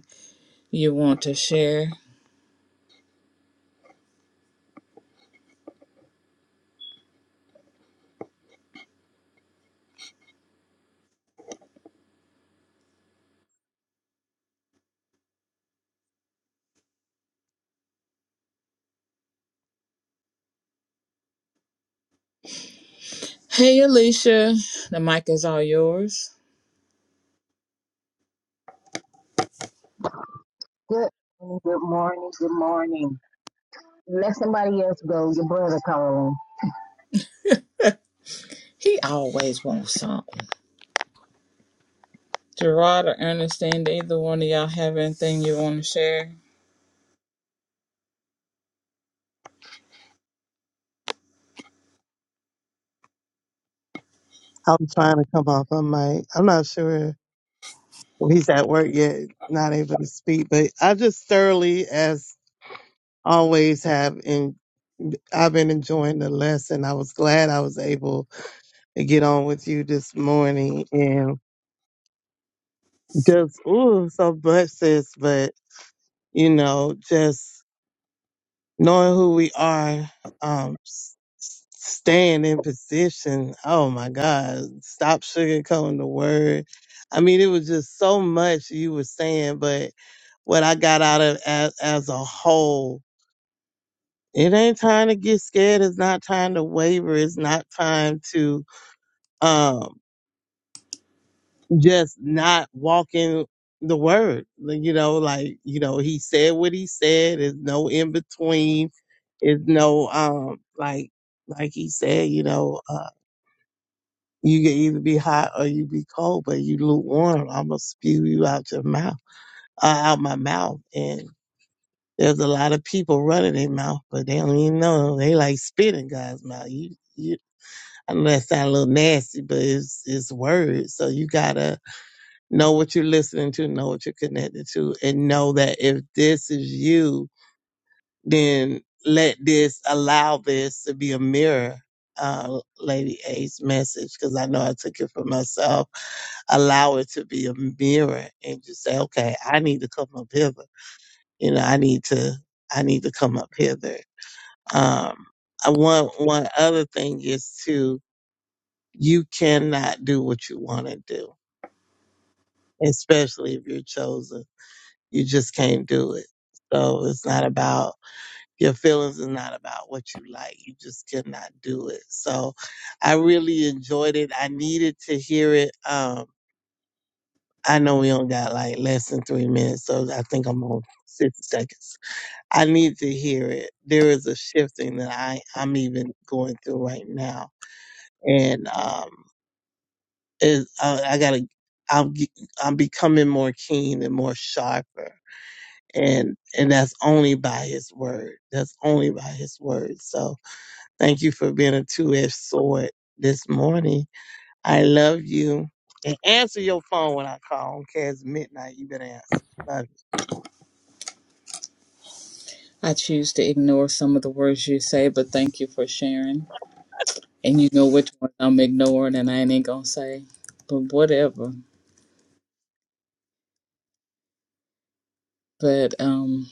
[SPEAKER 1] you want to share. Hey, Alicia, the mic is all yours.
[SPEAKER 3] Good morning, good morning, good morning. Let somebody else go. Your brother calling.
[SPEAKER 1] He always wants something. Gerard or Ernestine, either one of y'all have anything you want to share?
[SPEAKER 4] I'm trying to come off. I might. I'm not sure if he's at work yet, not able to speak. But I just thoroughly, as always, have and I've been enjoying the lesson. I was glad I was able to get on with you this morning, and just ooh, so much, sis. But you know, just. knowing who we are, um, s- s- staying in position. Oh my God. Stop sugarcoating the word. I mean, it was just so much you were saying, but what I got out of as, as a whole, it ain't time to get scared. It's not time to waver. It's not time to, um, just not walking the word. Like, You know, like, you know, he said what he said. There's no in between. There's no um like like he said, you know, uh you can either be hot or you be cold, but you lukewarm, I'm gonna spew you out your mouth. Uh, out my mouth. And there's a lot of people running their mouth, but they don't even know. They like spitting God's mouth. You you I know that sound a little nasty, but it's it's words. So you gotta know what you're listening to, know what you're connected to, and know that if this is you, then let this allow this to be a mirror. Uh, Lady A's message, because I know I took it for myself. Allow it to be a mirror, and just say, "Okay, I need to come up hither. You know, I need to, I need to come up hither." Um, I want one other thing is to you cannot do what you want to do, especially if you're chosen You just can't do it. So it's not about your feelings. It's not about what you like. You just cannot do it. So I really enjoyed it. I needed to hear it. Um, I know we only got like less than three minutes, so I think I'm on 60 seconds. I need to hear it. There is a shifting that I, I'm even going through right now. And, um, is, uh, I gotta, I'm, I'm becoming more keen and more sharper and and that's only by his word that's only by his word so thank you for being a two-edged sword this morning i love you and answer your phone when i call I don't care it's midnight you better answer love
[SPEAKER 1] I choose to ignore some of the words you say, but thank you for sharing. And you know which one I'm ignoring and I ain't gonna say, but whatever. But um,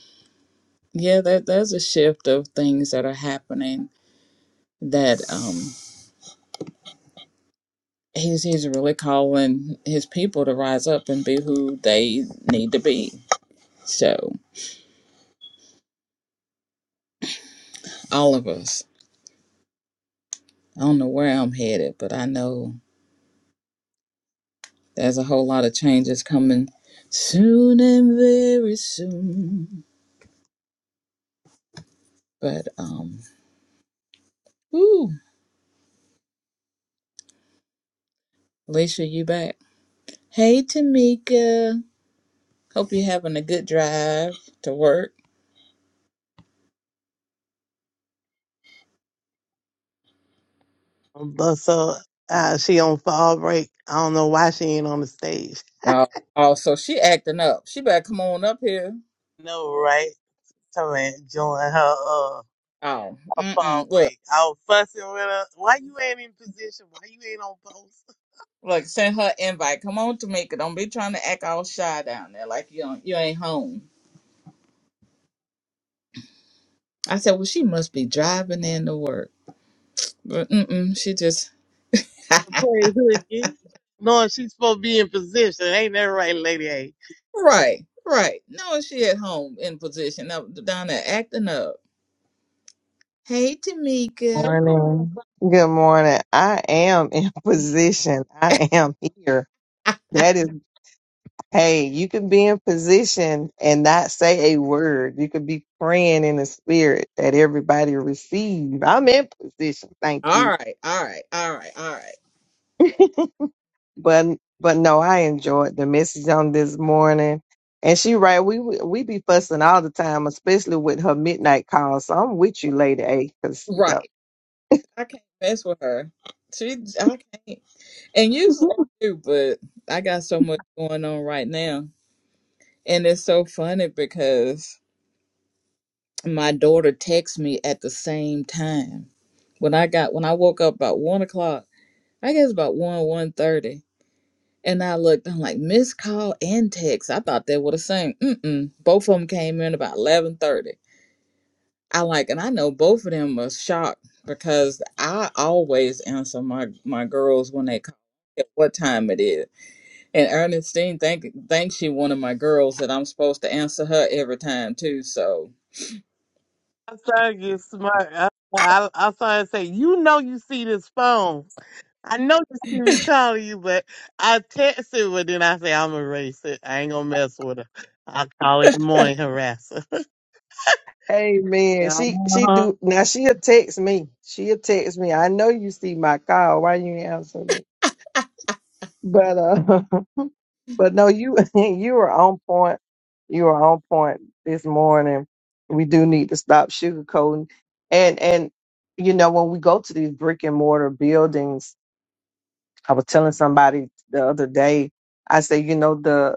[SPEAKER 1] yeah, that there's a shift of things that are happening that um, he's he's really calling his people to rise up and be who they need to be So, all of us, I don't know where I'm headed, but I know there's a whole lot of changes coming soon and very soon. But, um, ooh, Alicia, you back. Hey, Tamika. Hope you're having a good drive to work.
[SPEAKER 4] you but so uh, she on fall break i don't know why she ain't on the stage
[SPEAKER 1] Oh, oh, so she acting up. She better come on up here.
[SPEAKER 4] no right Tell her enjoying her uh
[SPEAKER 1] Oh,
[SPEAKER 4] her fall
[SPEAKER 1] mm-mm. Look,
[SPEAKER 4] break. I was fussing with her. Why you ain't in position? Why you ain't on post?
[SPEAKER 1] look, send her invite. Come on, Tamika. Don't be trying to act all shy down there like you, don't- you ain't home. I said, well, she must be driving in to work. But mm-mm, she just [laughs]
[SPEAKER 4] Praise hooky. Knowing she's supposed to be in position. Ain't that right, Lady A?
[SPEAKER 1] right, right. No, she at home in position up down there acting up. Hey, Tamika.
[SPEAKER 5] morning. Good morning. I am in [laughs] position. I am here.
[SPEAKER 1] [laughs]
[SPEAKER 5] That is, hey, you can be in position and not say a word. You could be praying in the spirit that everybody receive. I'm in position. Thank
[SPEAKER 1] Ah, all
[SPEAKER 5] you.
[SPEAKER 1] right, all right, all right, all right.
[SPEAKER 5] But but no, I enjoyed the message on this morning. And she right, we we be fussing all the time, especially with her midnight call. So I'm with you, Lady A, because she's
[SPEAKER 1] Right.
[SPEAKER 5] up.
[SPEAKER 1] I can't mess with her. She, I can't. And usually I do, but I got so much going on right now, and it's so funny because my daughter texts me at the same time. When I got when I woke up about one o'clock, I guess about one one thirty. And I looked, I'm like, missed call and text. I thought they were the same. Mm-mm. Both of them came in about 11.30. I like, and I know both of them was shocked because I always answer my, my girls when they call at what time it is. And Ernestine think, thinks she one of my girls that I'm supposed to answer her every time too. So
[SPEAKER 4] I started to get smart. I, I, I started to say, you know you see this phone. I know you see me calling you, but I text it, but then I say I'm gonna erase it. I ain't gonna mess with her. I call it morning harasser. [laughs]
[SPEAKER 5] Amen.
[SPEAKER 4] yeah,
[SPEAKER 5] She she
[SPEAKER 4] uh-huh.
[SPEAKER 5] do now. She'll text me. She'll text me. I know you see my call. Why you ain't answer me? But uh, [laughs] but no, you [laughs] you were on point. You were on point this morning. We do need to stop sugarcoating, and and you know when we go to these brick and mortar buildings, I was telling somebody the other day. I say, you know the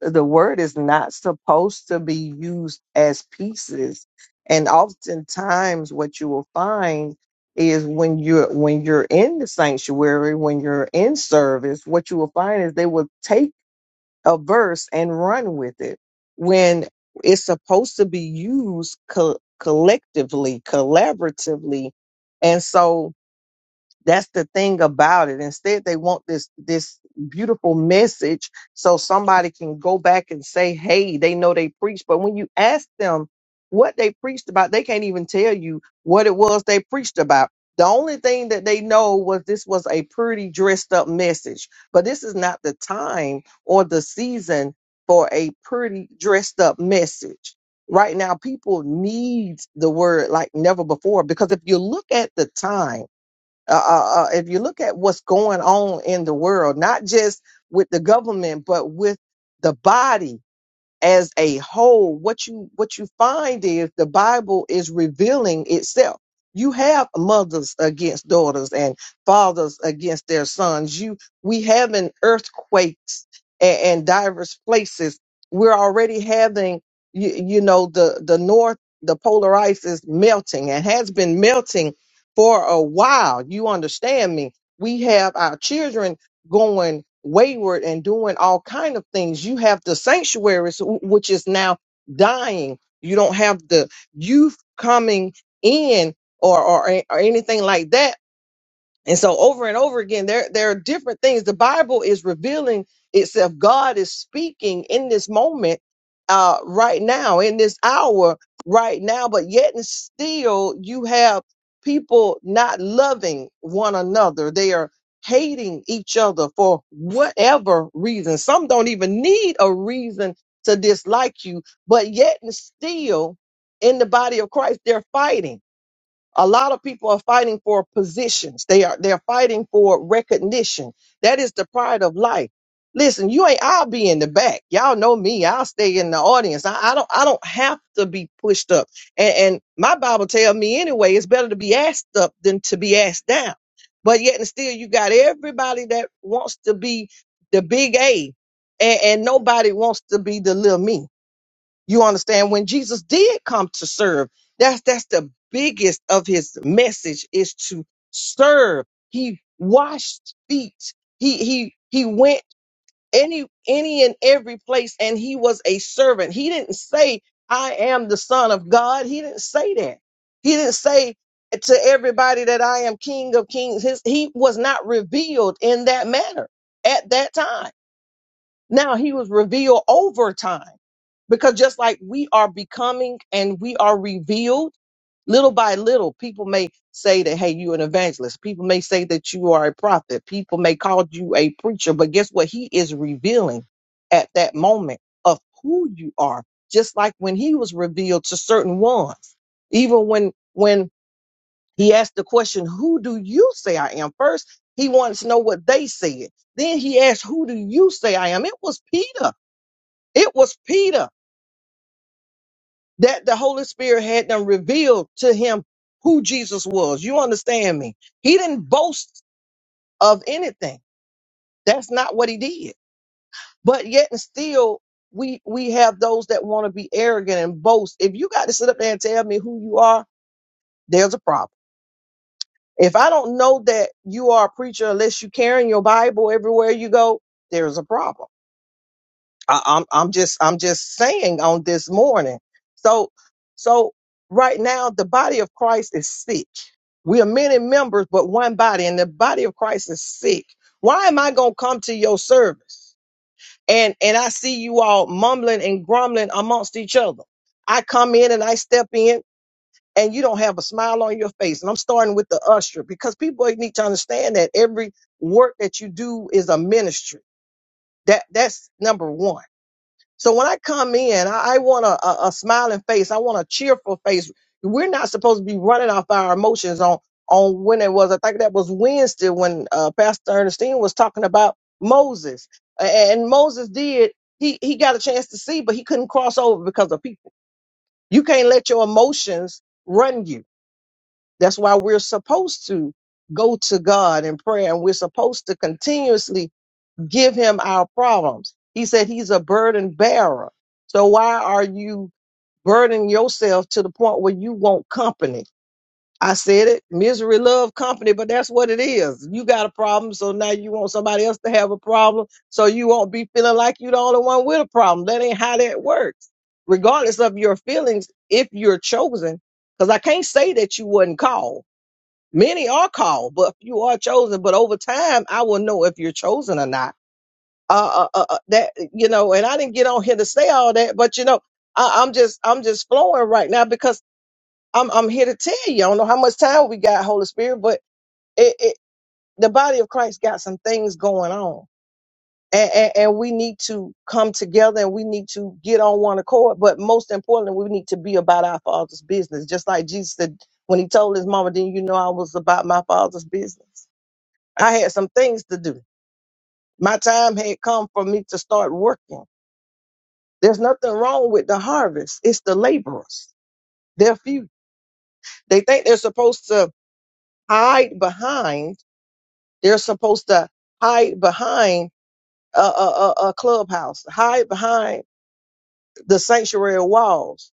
[SPEAKER 5] the word is not supposed to be used as pieces and oftentimes what you will find is when you're when you're in the sanctuary when you're in service what you will find is they will take a verse and run with it when it's supposed to be used co- collectively collaboratively and so that's the thing about it. Instead, they want this this beautiful message so somebody can go back and say, "Hey, they know they preached." But when you ask them what they preached about, they can't even tell you what it was they preached about. The only thing that they know was this was a pretty dressed up message. But this is not the time or the season for a pretty dressed up message right now people need the word like never before because if you look at the time uh, uh, uh, if you look at what's going on in the world, not just with the government, but with the body, as a whole what you what you find is the bible is revealing itself you have mothers against daughters and fathers against their sons you we having earthquakes and, and diverse places we're already having you, you know the the north the polar ice is melting and has been melting for a while you understand me we have our children going wayward and doing all kind of things you have the sanctuaries wh- which is now dying you don't have the youth coming in or or, or anything like that and so over and over again, there, there are different things. The Bible is revealing itself. God is speaking in this moment, uh, right now, in this hour, right now, but yet and still you have people not loving one another. They are hating each other for whatever reason. Some don't even need a reason to dislike you, but yet and still in the body of Christ, they're fighting a lot of people are fighting for positions. They are they're fighting for recognition. That is the pride of life. Listen, you ain't I'll be in the back. Y'all know me. I'll stay in the audience. I, I don't I don't have to be pushed up. And, and my Bible tells me anyway, it's better to be asked up than to be asked down. But yet and still you got everybody that wants to be the big A and, and nobody wants to be the little me. You understand when Jesus did come to serve, that's that's the biggest of his message is to serve. He washed feet. He he he went any any and every place and he was a servant. He didn't say I am the son of God. He didn't say that. He didn't say to everybody that I am king of kings. His, he was not revealed in that manner at that time. Now he was revealed over time because just like we are becoming and we are revealed little by little people may say that hey you're an evangelist people may say that you are a prophet people may call you a preacher but guess what he is revealing at that moment of who you are just like when he was revealed to certain ones even when when he asked the question who do you say i am first he wanted to know what they said then he asked who do you say i am it was peter it was peter that the Holy Spirit had them revealed to him who Jesus was. You understand me? He didn't boast of anything. That's not what he did. But yet and still, we we have those that want to be arrogant and boast. If you got to sit up there and tell me who you are, there's a problem. If I don't know that you are a preacher unless you carrying your Bible everywhere you go, there's a problem. I, I'm I'm just I'm just saying on this morning. So so right now the body of Christ is sick. We are many members, but one body, and the body of Christ is sick. Why am I gonna come to your service? And and I see you all mumbling and grumbling amongst each other. I come in and I step in and you don't have a smile on your face. And I'm starting with the usher because people need to understand that every work that you do is a ministry. That that's number one. So when I come in, I, I want a, a, a smiling face. I want a cheerful face. We're not supposed to be running off our emotions on on when it was. I think that was Wednesday when uh, Pastor Ernestine was talking about Moses, A- and Moses did. He he got a chance to see, but he couldn't cross over because of people. You can't let your emotions run you. That's why we're supposed to go to God in prayer, and we're supposed to continuously give him our problems. He said he's a burden bearer. So why are you burdening yourself to the point where you want company? I said it, misery love company, but that's what it is. You got a problem, so now you want somebody else to have a problem, so you won't be feeling like you're the only one with a problem. That ain't how that works. Regardless of your feelings, if you're chosen, because I can't say that you wasn't called. Many are called, but you are chosen. But over time, I will know if you're chosen or not uh, uh, uh, uh, that you know, and I didn't get on here to say all that, but you know, I, I'm just I'm just flowing right now because I'm I'm here to tell you. I don't know how much time we got, Holy Spirit, but it, it the body of Christ got some things going on, and, and and we need to come together and we need to get on one accord. But most importantly, we need to be about our Father's business, just like Jesus said when he told his mama, "Didn't you know I was about my Father's business? I had some things to do. My time had come for me to start working." There's nothing wrong with the harvest. It's the laborers. They're few. They think they're supposed to hide behind. They're supposed to hide behind a, a, a, a clubhouse, hide behind the sanctuary walls.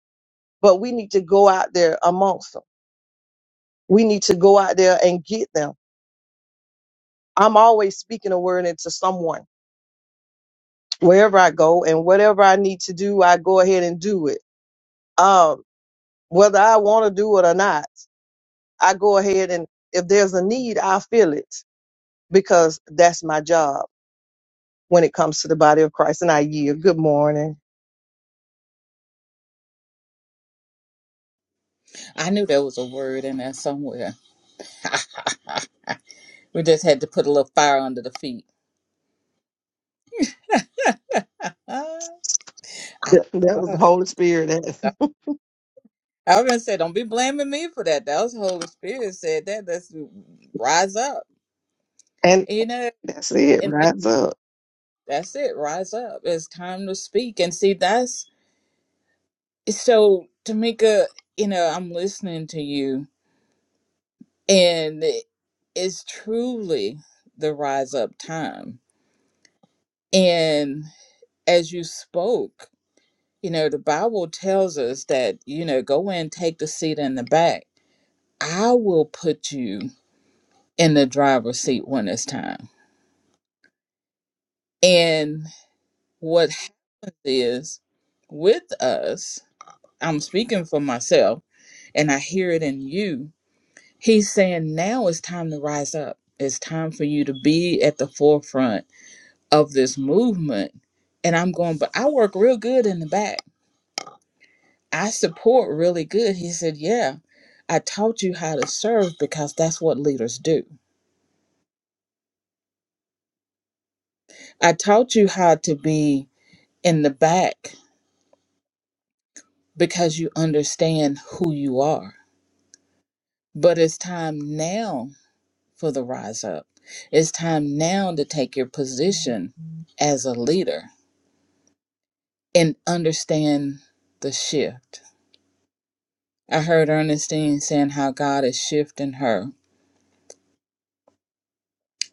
[SPEAKER 5] But we need to go out there amongst them. We need to go out there and get them. I'm always speaking a word into someone wherever I go and whatever I need to do, I go ahead and do it. Um, whether I want to do it or not I go ahead and if there's a need, I feel it because that's my job when it comes to the body of Christ. And I yield. Good morning.
[SPEAKER 1] I knew there was a word in there somewhere. [laughs] we just had to put a little fire under the feet. Ah, I
[SPEAKER 5] That that was the
[SPEAKER 1] started.
[SPEAKER 5] Holy Spirit. That-
[SPEAKER 1] I was gonna say, don't be blaming me for that. That was the Holy Spirit said that. That's rise up.
[SPEAKER 5] [laughs] and
[SPEAKER 1] You know,
[SPEAKER 5] that's it.
[SPEAKER 1] and, and
[SPEAKER 5] Rise up.
[SPEAKER 1] that's it. Rise up. It's time to speak. And see, that's so, Tamika. You know, I'm listening to you, and it- it's truly the rise up time. And as you spoke, you know, the Bible tells us that you know, go in, take the seat in the back. I will put you in the driver's seat when it's time. And What happens is with us, I'm speaking for myself, and I hear it in you. He's saying now it's time to rise up. It's time for you to be at the forefront of this movement. And I'm going, but I work real good in the back. I support really good. He said, Yeah, I taught you how to serve because that's what leaders do. I taught you how to be in the back because you understand who you are. But it's time now for the rise up. It's time now to take your position as a leader and understand the shift. I heard Ernestine saying how God is shifting her.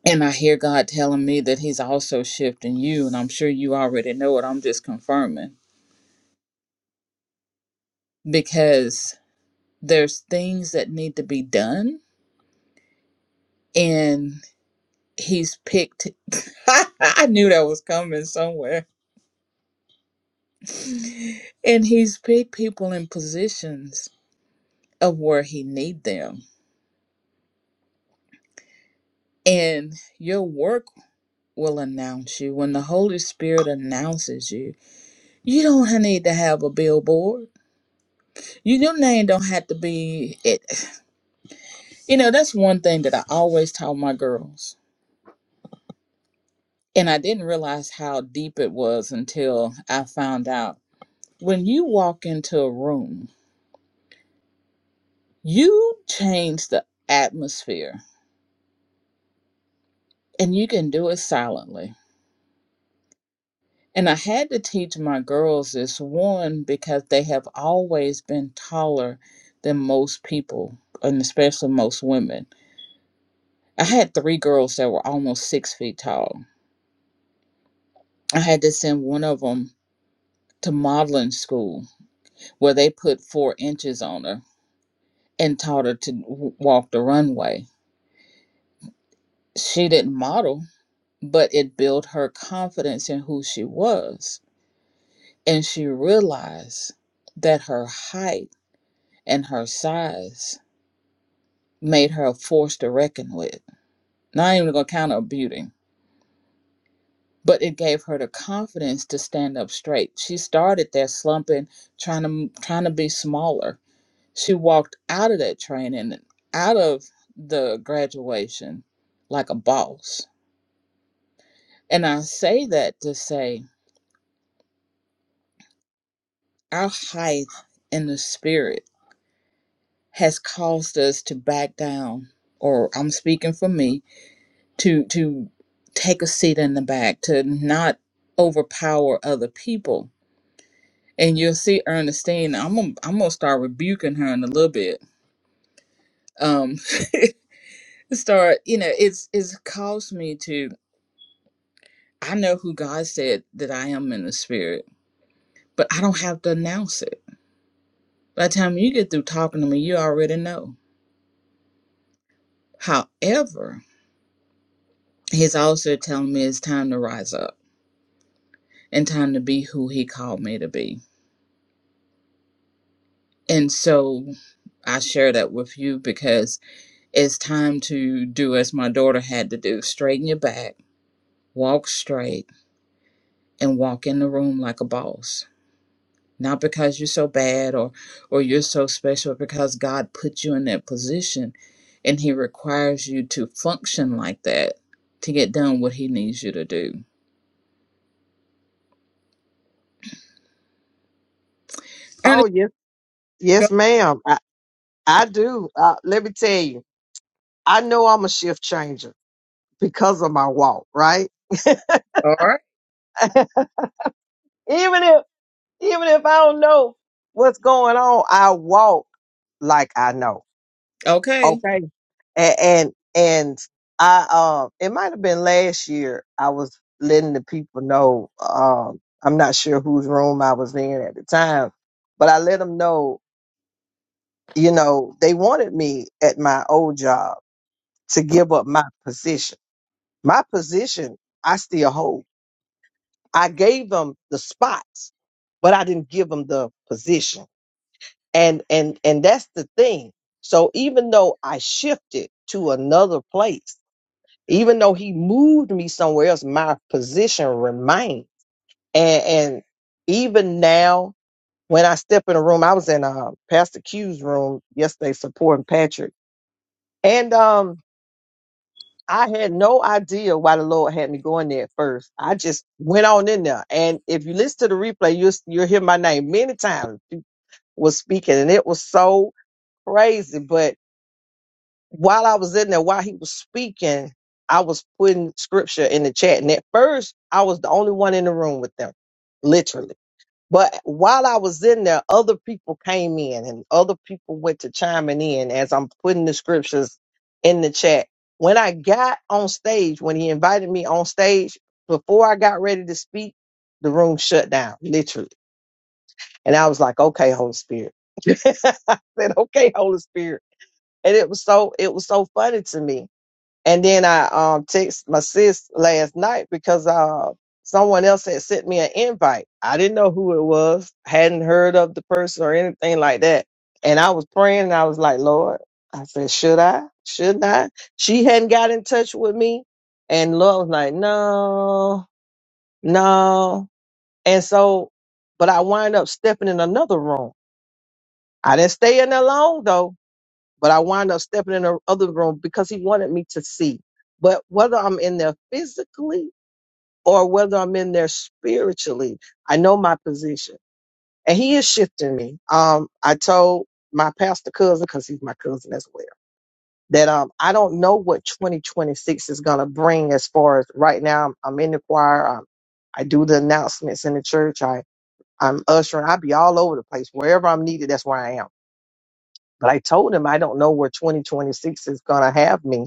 [SPEAKER 1] And I hear God telling me that He's also shifting you. And I'm sure you already know it. I'm just confirming because there's things that need to be done. And He's picked, [laughs] I knew that was coming somewhere. And He's picked people in positions of where he need them and your work will announce you when the holy spirit announces you you don't need to have a billboard you, your name don't have to be it you know that's one thing that i always tell my girls and i didn't realize how deep it was until i found out when you walk into a room you change the atmosphere and you can do it silently And I had to teach my girls this one because they have always been taller than most people, and especially most women. I had three girls that were almost six feet tall. I had to send one of them to modeling school where they put four inches on her and taught her to w- walk the runway. She didn't model, but it built her confidence in who she was. And she realized that her height and her size made her a force to reckon with. Not even gonna count her beauty, but it gave her the confidence to stand up straight. She started there slumping, trying to trying to be smaller. She walked out of that training, out of the graduation, like a boss. And I say that to say our height in the spirit has caused us to back down, or I'm speaking for me, to to take a seat in the back to not overpower other people and you'll see ernestine i'm gonna, I'm gonna start rebuking her in a little bit um [laughs] start you know it's it's caused me to i know who god said that i am in the spirit but i don't have to announce it by the time you get through talking to me you already know however he's also telling me it's time to rise up and time to be who he called me to be And so I share that with you because it's time to do as my daughter had to do straighten your back, walk straight, and walk in the room like a boss. Not because you're so bad or, or you're so special, because God put you in that position and He requires you to function like that to get done what He needs you to do.
[SPEAKER 5] Oh,
[SPEAKER 1] Ernest,
[SPEAKER 5] yes.
[SPEAKER 1] go.
[SPEAKER 5] Yes, ma'am. I, I do. Uh, let me tell you, I know I'm a shift changer because of my walk, right?
[SPEAKER 1] All right.
[SPEAKER 5] Even if, even if I don't know what's going on, I walk like I know.
[SPEAKER 1] Okay.
[SPEAKER 5] Okay. and and, and I um it might have been last year I was letting the people know um I'm not sure whose room I was in at the time, but I let them know you know they wanted me at my old job to give up my position. My position I still hold. I gave them the spots, but I didn't give them the position. And and and that's the thing. So even though I shifted to another place even though he moved me somewhere else, my position remained. And and even now, when I step in a room, I was in uh, Pastor Q's room yesterday supporting Patrick, and um, I had no idea why the Lord had me going there at first. I just went on in there, and if you listen to the replay, you will you'll you'll hear my name many times. People Was speaking, and it was so crazy, but. while I was in there, while he was speaking, I was putting scripture in the chat. And at first, I was the only one in the room with them, literally. But while I was in there, other people came in and other people went to chiming in as I'm putting the scriptures in the chat. When I got on stage, when he invited me on stage, before I got ready to speak, the room shut down, literally. And I was like, okay, Holy Spirit. [laughs] I said, okay, Holy Spirit. And it was so it was so funny to me and then I um text my sis last night because uh someone else had sent me an invite. I didn't know who it was, hadn't heard of the person or anything like that. And I was praying and I was like, Lord, I said, should I? Shouldn't I? She hadn't got in touch with me. And Lord was like, no, no. And so, but I wind up stepping in another room. I didn't stay in there long though but I wound up stepping in the other room because he wanted me to see. But whether I'm in there physically or whether I'm in there spiritually, I know my position, and he is shifting me. Um, I told my pastor cousin because he's my cousin as well that um I don't know what 2026 is gonna bring as far as right now. I'm, I'm in the choir. i I do the announcements in the church. I I'm ushering. I be all over the place wherever I'm needed. That's where I am. But I told him I don't know where 2026 is gonna have me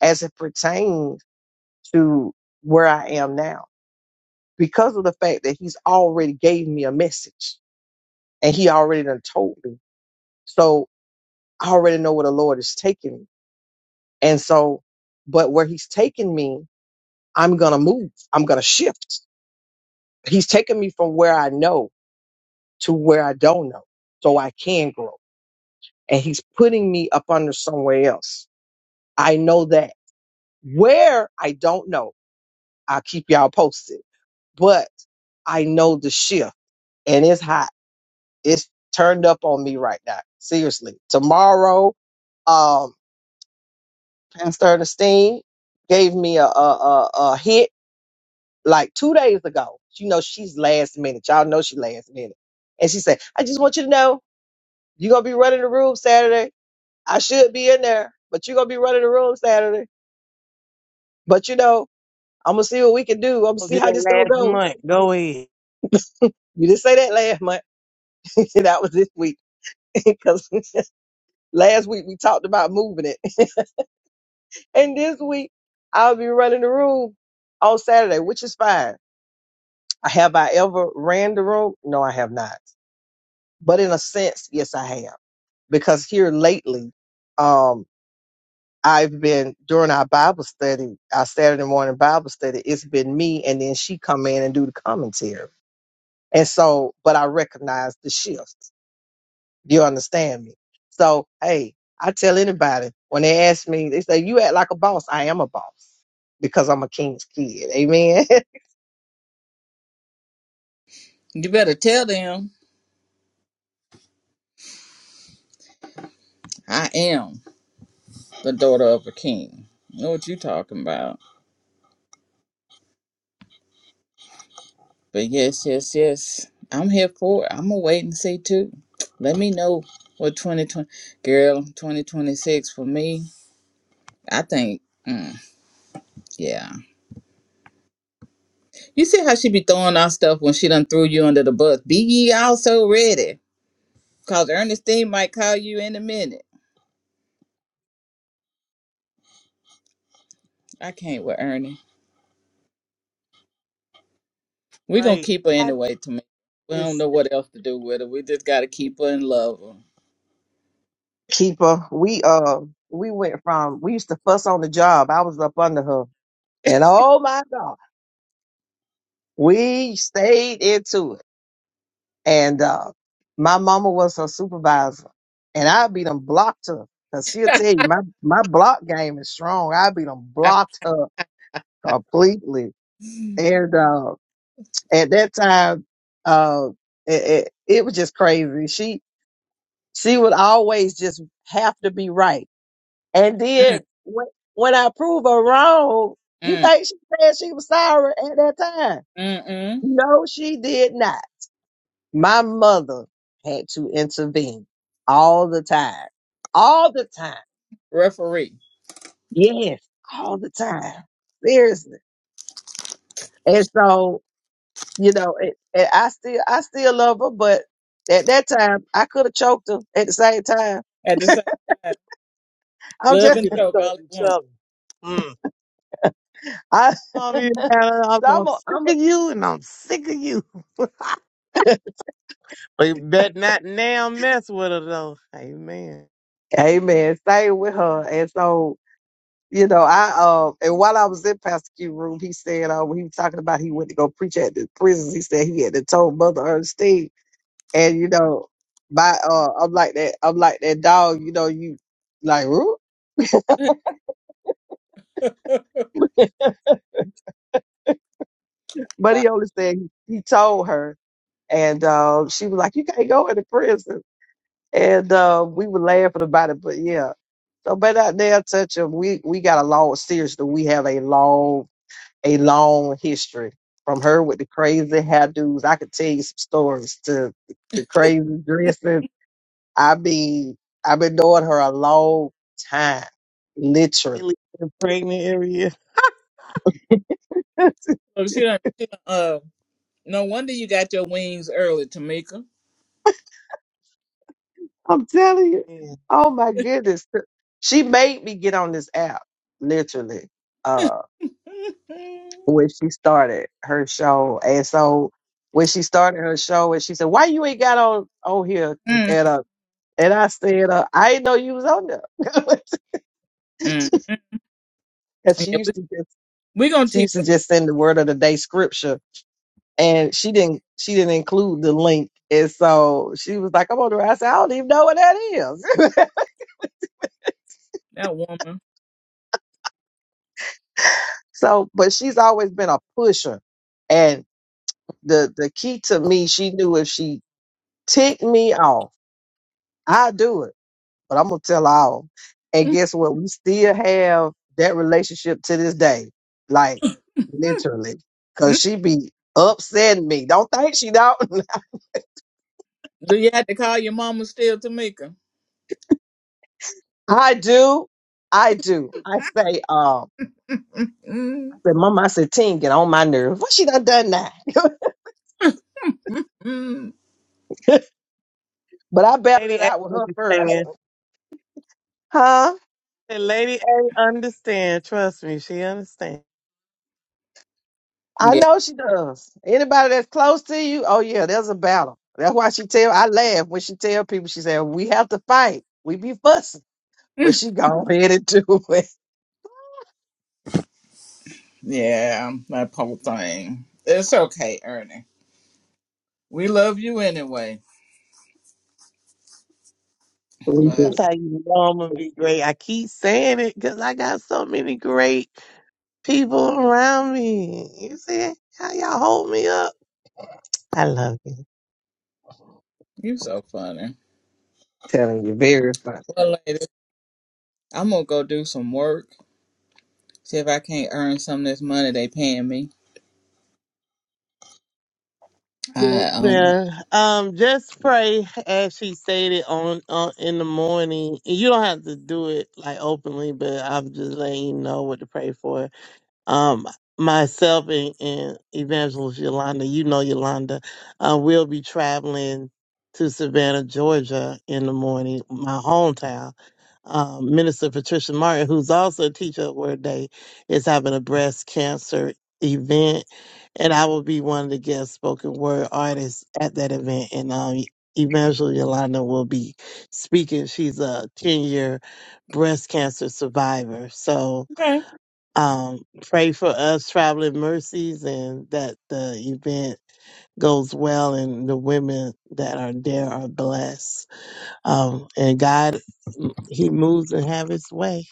[SPEAKER 5] as it pertains to where I am now because of the fact that he's already gave me a message and he already done told me. So I already know where the Lord is taking me. And so, but where he's taking me, I'm going to move. I'm going to shift. He's taking me from where I know to where I don't know so I can grow. And he's putting me up under somewhere else. I know that where I don't know, I'll keep y'all posted, but I know the shift and it's hot. It's turned up on me right now. Seriously. Tomorrow, um, Pastor Ernestine gave me a, a, a, a hit like two days ago. You know, she's last minute. Y'all know she last minute. And she said, I just want you to know you're going to be running the room Saturday. I should be in there, but you're going to be running the room Saturday. But you know, I'm going to see what we can do. I'm going to
[SPEAKER 4] I'll
[SPEAKER 5] see how
[SPEAKER 4] that
[SPEAKER 5] this going to
[SPEAKER 4] last
[SPEAKER 5] go.
[SPEAKER 4] month. Go ahead.
[SPEAKER 5] You didn't say that last month. [laughs] that was this week. [laughs] Because [laughs] last week we talked about moving it. [laughs] And this week, I'll be running the room on Saturday, which is fine. I Have I ever ran the room? No, I have not. But in a sense, yes, I have. Because here lately, um, I've been during our Bible study, our Saturday morning Bible study, it's been me and then she come in and do the commentary. And so, but I recognize the shift. You understand me? So, hey, I tell anybody when they ask me, they say, You act like a boss. I am a boss because I'm a king's kid. Amen.
[SPEAKER 1] You better tell them I am the daughter of a king. know what you talking about. But yes, yes, yes. I'm here for it. I'm gonna wait and see too. Let me know what 2020, girl, 2026 for me. I think, mm, yeah. You see how she be throwing our stuff when she done threw you under the bus. Be ye also ready, cause Ernestine might call you in a minute. I can't with Ernie. We gonna
[SPEAKER 4] Right.
[SPEAKER 1] keep her
[SPEAKER 4] I
[SPEAKER 1] anyway. To me, we don't
[SPEAKER 4] just
[SPEAKER 1] know what else to do with her. We just gotta keep her and love her.
[SPEAKER 5] [laughs] Keeper, we uh we went from we used to fuss on the job. I was up under her. And oh my God, we stayed into it. And uh my mama was her supervisor. And I beat them blocked her. Cause she'll tell you my, my block game is strong. I beat them
[SPEAKER 1] I,
[SPEAKER 5] blocked her completely. And uh at that time, uh, it, it, it was just crazy. She she would always just have to be right. And
[SPEAKER 1] mm,
[SPEAKER 5] then when when I prove her wrong, you
[SPEAKER 1] mm,
[SPEAKER 5] think she said she was sorry at that time?
[SPEAKER 1] mm, mm.
[SPEAKER 5] No, she did not. My mother had to intervene all the time, all the time.
[SPEAKER 1] Referee
[SPEAKER 5] Yes, all the time. Seriously. And so you know, it, and I still I still love her, but at that time I could have choked her at the same time.
[SPEAKER 1] at the same time,
[SPEAKER 5] I'm
[SPEAKER 1] love
[SPEAKER 4] we
[SPEAKER 5] just
[SPEAKER 1] and
[SPEAKER 4] get to
[SPEAKER 1] choke
[SPEAKER 4] start
[SPEAKER 1] all at
[SPEAKER 4] each
[SPEAKER 1] once.
[SPEAKER 4] other. Mm.
[SPEAKER 5] I
[SPEAKER 4] Mommy,
[SPEAKER 5] so
[SPEAKER 4] I'm
[SPEAKER 5] I'm a, I'm a
[SPEAKER 4] sick of you, and I'm sick of you. [laughs] They bet not now mess with her though. Amen.
[SPEAKER 5] Amen. Stay with her. And so, you know, I um and while I was in Pastor Q room, he said um he was talking about he went to go preach at the prisons. He said he had to told Mother Ernestine and you know, my uh I'm like that I'm like that dog, you know, you like "Roo?" but he
[SPEAKER 1] Right.
[SPEAKER 5] only said he, he told her and um, she was like, "You can't go into prison." and uh, we were laughing about it. But yeah, so but out there, touch them. We we got a long, seriously, we have a long, a long history from her with the crazy hairdos. I could tell you some stories to the crazy dressing. I mean, I've been knowing her a long time, literally.
[SPEAKER 4] Really Pregnant every year.
[SPEAKER 5] [laughs] I'm
[SPEAKER 1] Oh, she done, she done, uh, no wonder you got your wings early, Tamika.
[SPEAKER 5] telling you.
[SPEAKER 4] Man.
[SPEAKER 5] Oh my goodness, she made me get on this app, literally. Uh,
[SPEAKER 1] [laughs]
[SPEAKER 5] when she started her show. And so when she started her show and she said, Why you ain't got on on here?
[SPEAKER 1] Mm,
[SPEAKER 5] And uh and I said, uh, I didn't know you was on there. [laughs]
[SPEAKER 1] mm.
[SPEAKER 5] Cause she
[SPEAKER 1] Yeah, we,
[SPEAKER 5] used to just
[SPEAKER 1] we gonna
[SPEAKER 5] she
[SPEAKER 1] teach
[SPEAKER 5] used to
[SPEAKER 1] her,
[SPEAKER 5] just send the word of the day scripture and she didn't she didn't include the link. And so she was like, I'm on there. I said, I don't even know what that is.
[SPEAKER 1] that woman.
[SPEAKER 5] [laughs] so but she's always been a pusher. And the the key to me, she knew if she ticked me off, I do it but I'm gonna tell all.
[SPEAKER 1] [laughs]
[SPEAKER 5] And guess what? We still have that relationship to this day, like literally, cause she be upsetting me. Don't think she don't. [laughs]
[SPEAKER 1] Do you have to call your mama still, Tamika?
[SPEAKER 5] I do. I do. I say, um,
[SPEAKER 1] [laughs]
[SPEAKER 5] I said, Mama, I said, Teen, get on my nerves. What she done done now? [laughs] but I battled
[SPEAKER 4] Lady
[SPEAKER 5] it
[SPEAKER 4] A
[SPEAKER 5] out with her first,
[SPEAKER 4] understand.
[SPEAKER 5] huh?
[SPEAKER 4] [laughs] Said Lady A understand. Trust me, she understand.
[SPEAKER 5] I
[SPEAKER 1] yeah,
[SPEAKER 5] know she does. Anybody that's close to you, oh yeah, there's a battle. That's why she tell. I laugh when she tell people. She said, "We have to fight. We be fussing." but she gone [laughs] ahead and do it.
[SPEAKER 1] yeah, that whole thing. It's okay, Ernie. We love you anyway,
[SPEAKER 5] We do.
[SPEAKER 1] but
[SPEAKER 4] That's how you know I'm gonna be great. I keep saying it because I got so many great people around me. You see how y'all hold me up? I love you.
[SPEAKER 1] you so funny.
[SPEAKER 5] Telling you, very funny.
[SPEAKER 1] Well, lady, I'm gonna go do some work. See if I can't earn some of this money they paying me.
[SPEAKER 4] Yes,
[SPEAKER 1] I um.
[SPEAKER 4] ma'am. Um, just pray as she stated on, on in the morning. You don't have to do it like openly, but I'm just letting you know what to pray for um, myself and, and Evangelist Yolanda, you know Yolanda, uh, will be traveling to Savannah, Georgia in the morning, my hometown. Um, Minister Patricia Martin, who's also a teacher at Word Day, is having a breast cancer event, and I will be one of the guest spoken word artists at that event. And um, Evangelist Yolanda will be speaking. She's a 10 year breast cancer survivor. So,
[SPEAKER 1] okay.
[SPEAKER 4] um, pray for us traveling mercies and that the event goes well and the women that are there are blessed. Um, and God, mm, he moves and have his way.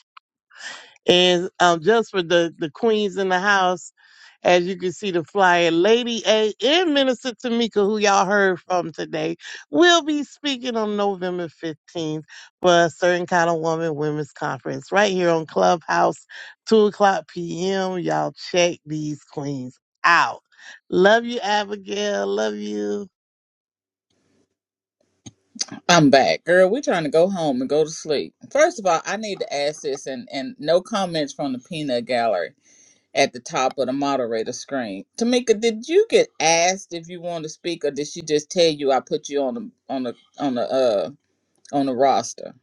[SPEAKER 4] And um, just for the, the queens in the house, as you can see, the flyer, Lady A and Minister Tamika, who y'all heard from today, will be speaking on November 15th for a certain kind of woman women's conference right here on Clubhouse, 2 o'clock p.m. Y'all check these queens out. Love you, Abigail. Love you.
[SPEAKER 1] I'm back. Girl, we trying to go home and go to sleep. First of all, I need to ask this and, and no comments from the peanut gallery at the top of the moderator screen. Tamika, did you get asked if you want to speak or did she just tell you I put you on the on the on the uh on the roster?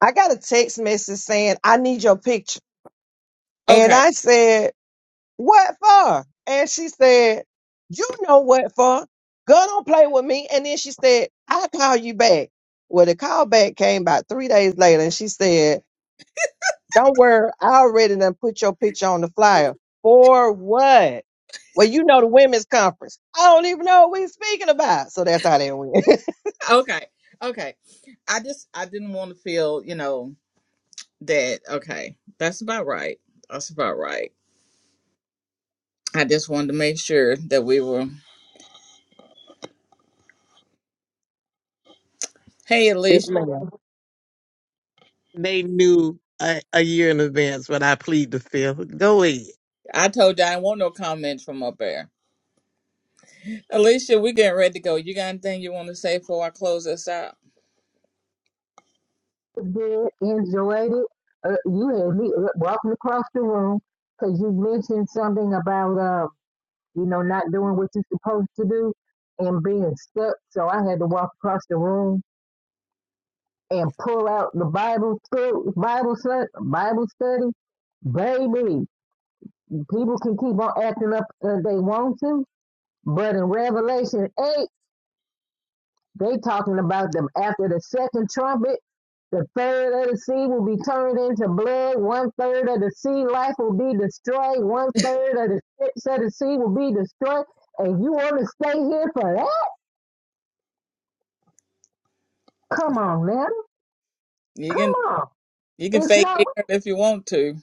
[SPEAKER 5] I got a text message saying, I need your picture. And
[SPEAKER 1] Okay.
[SPEAKER 5] I said, What for? And she said, You know what for. Girl, don't play with me. And then she said, I'll call you back. Well, the call back came about three days later and she said, Don't worry, I already done put your picture on the flyer. For what? Well, you know the women's conference. I don't even know what we're speaking about. So that's how that went. [laughs]
[SPEAKER 1] Okay. Okay. I just I didn't want to feel, you know, that okay, that's about right. That's about right. I just wanted to make sure that we were Hey
[SPEAKER 5] Yes,
[SPEAKER 1] Alicia,
[SPEAKER 5] ma'am.
[SPEAKER 4] They knew a, a year in advance, but I plead the fifth. Go ahead.
[SPEAKER 1] I told you I didn't want no comments from up there. Alicia, we getting ready to go. You got anything you want to say before I close this out?
[SPEAKER 3] It's good. Enjoyed it. Uh, you and me uh, walking across the room because you mentioned something about uh, you know, not doing what you're supposed to do and being stuck. So I had to walk across the room and pull out the Bible stu- Bible study, Bible study. Baby, people can keep on acting up as they want to, but in Revelation 8. They talking about them after the second trumpet, the third of the sea will be turned into blood, one third of the sea life will be destroyed, one third of the ships of the sea will be destroyed, and you want to stay here for that? Come on, man.
[SPEAKER 1] You can
[SPEAKER 3] Come on.
[SPEAKER 1] you can
[SPEAKER 3] It's
[SPEAKER 1] fake
[SPEAKER 3] not
[SPEAKER 1] ignorant if you want to.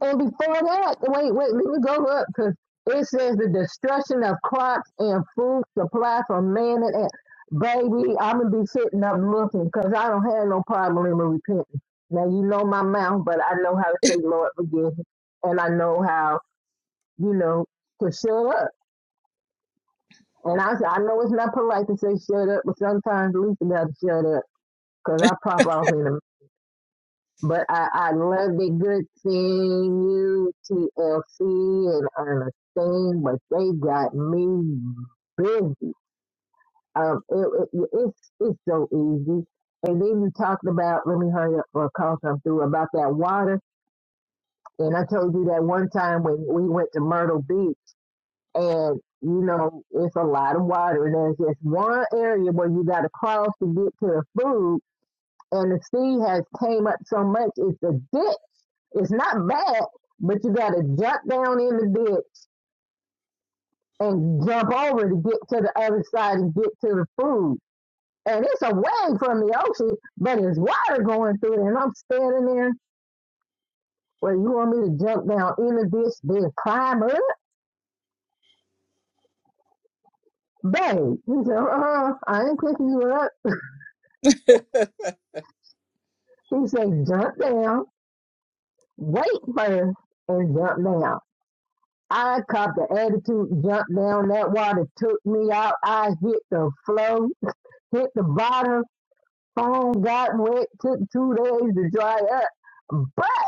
[SPEAKER 3] And before that, wait, wait, let me go up because it says the destruction of crops and food supply from man and ant. Baby, I'm gonna be sitting up looking because I don't have no problem in repenting. Now you know my mouth, but I know how to say, Lord, forgive me, and I know how, you know, to shut up. And I, I know it's not polite to say shut up, but sometimes at least you got to shut up because I pop off in a minute. But I, I love the good thing, you, TLC, and Ernestine, but they got me busy. Um, it, it, it's, it's so easy. And then you talked about, let me hurry up for a call come through, about that water. And I told you that one time when we went to Myrtle Beach, and, you know, it's a lot of water. And there's this one area where you got to cross to get to the food, and the sea has came up so much, it's a ditch It's not bad, but you gotta jump down in the ditch and jump over to get to the other side and get to the food. And it's away from the ocean, but it's water going through it. And I'm standing there where you want me to jump down in the ditch, then climb up? Babe, he said, uh-uh, I ain't picking you up.
[SPEAKER 1] [laughs] and
[SPEAKER 3] He said, jump down, wait first, and jump down. I caught the attitude, jumped down. That water took me out. I hit the flow, hit the bottom phone got wet, took two days to dry up. But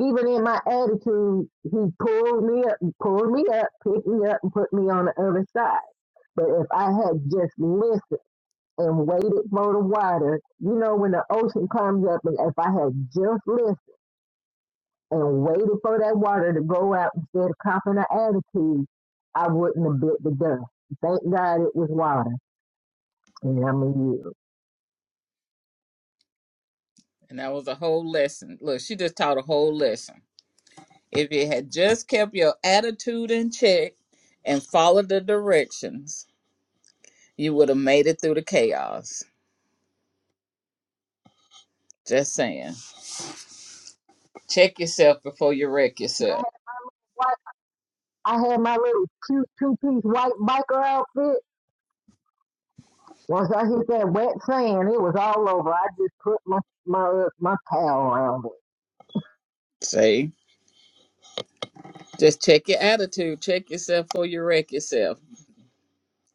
[SPEAKER 3] even in my attitude, he pulled me up, pulled me up, picked me up, and put me on the other side. But if I had just listened and waited for the water, you know, when the ocean comes up, and if I had just listened and waited for that water to go out instead of copping an attitude, I wouldn't have bit the dust. Thank God it was water. And I'm a year.
[SPEAKER 1] that was a whole lesson. Look, she just taught a whole lesson. If you had just kept your attitude in check and followed the directions, you would have made it through the chaos. Just saying. Check yourself before you wreck yourself.
[SPEAKER 3] I I had my little cute two piece white biker outfit. Once I hit that wet sand, it was all over. I just put my my uh, my towel around it.
[SPEAKER 1] See? Just check your attitude. Check yourself before you wreck yourself.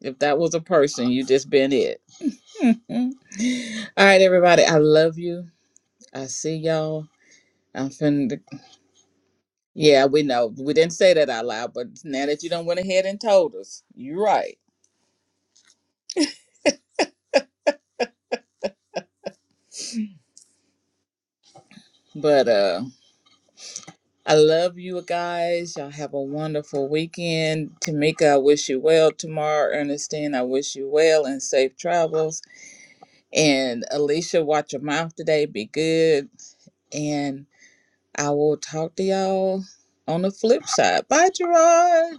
[SPEAKER 1] If that was a person, you just been it. [laughs] Mm. All right, everybody. I love you. I see y'all. I'm finna. Yeah, we know. We didn't say that out loud, but now that you don't went ahead and told us, you're right. But uh I love you guys. Y'all have a wonderful weekend. Tamika, I wish you well tomorrow. Ernestine, I wish you well and safe travels. And Alicia, watch your mouth today. Be good. And I will talk to y'all on the flip side. Bye, Gerard.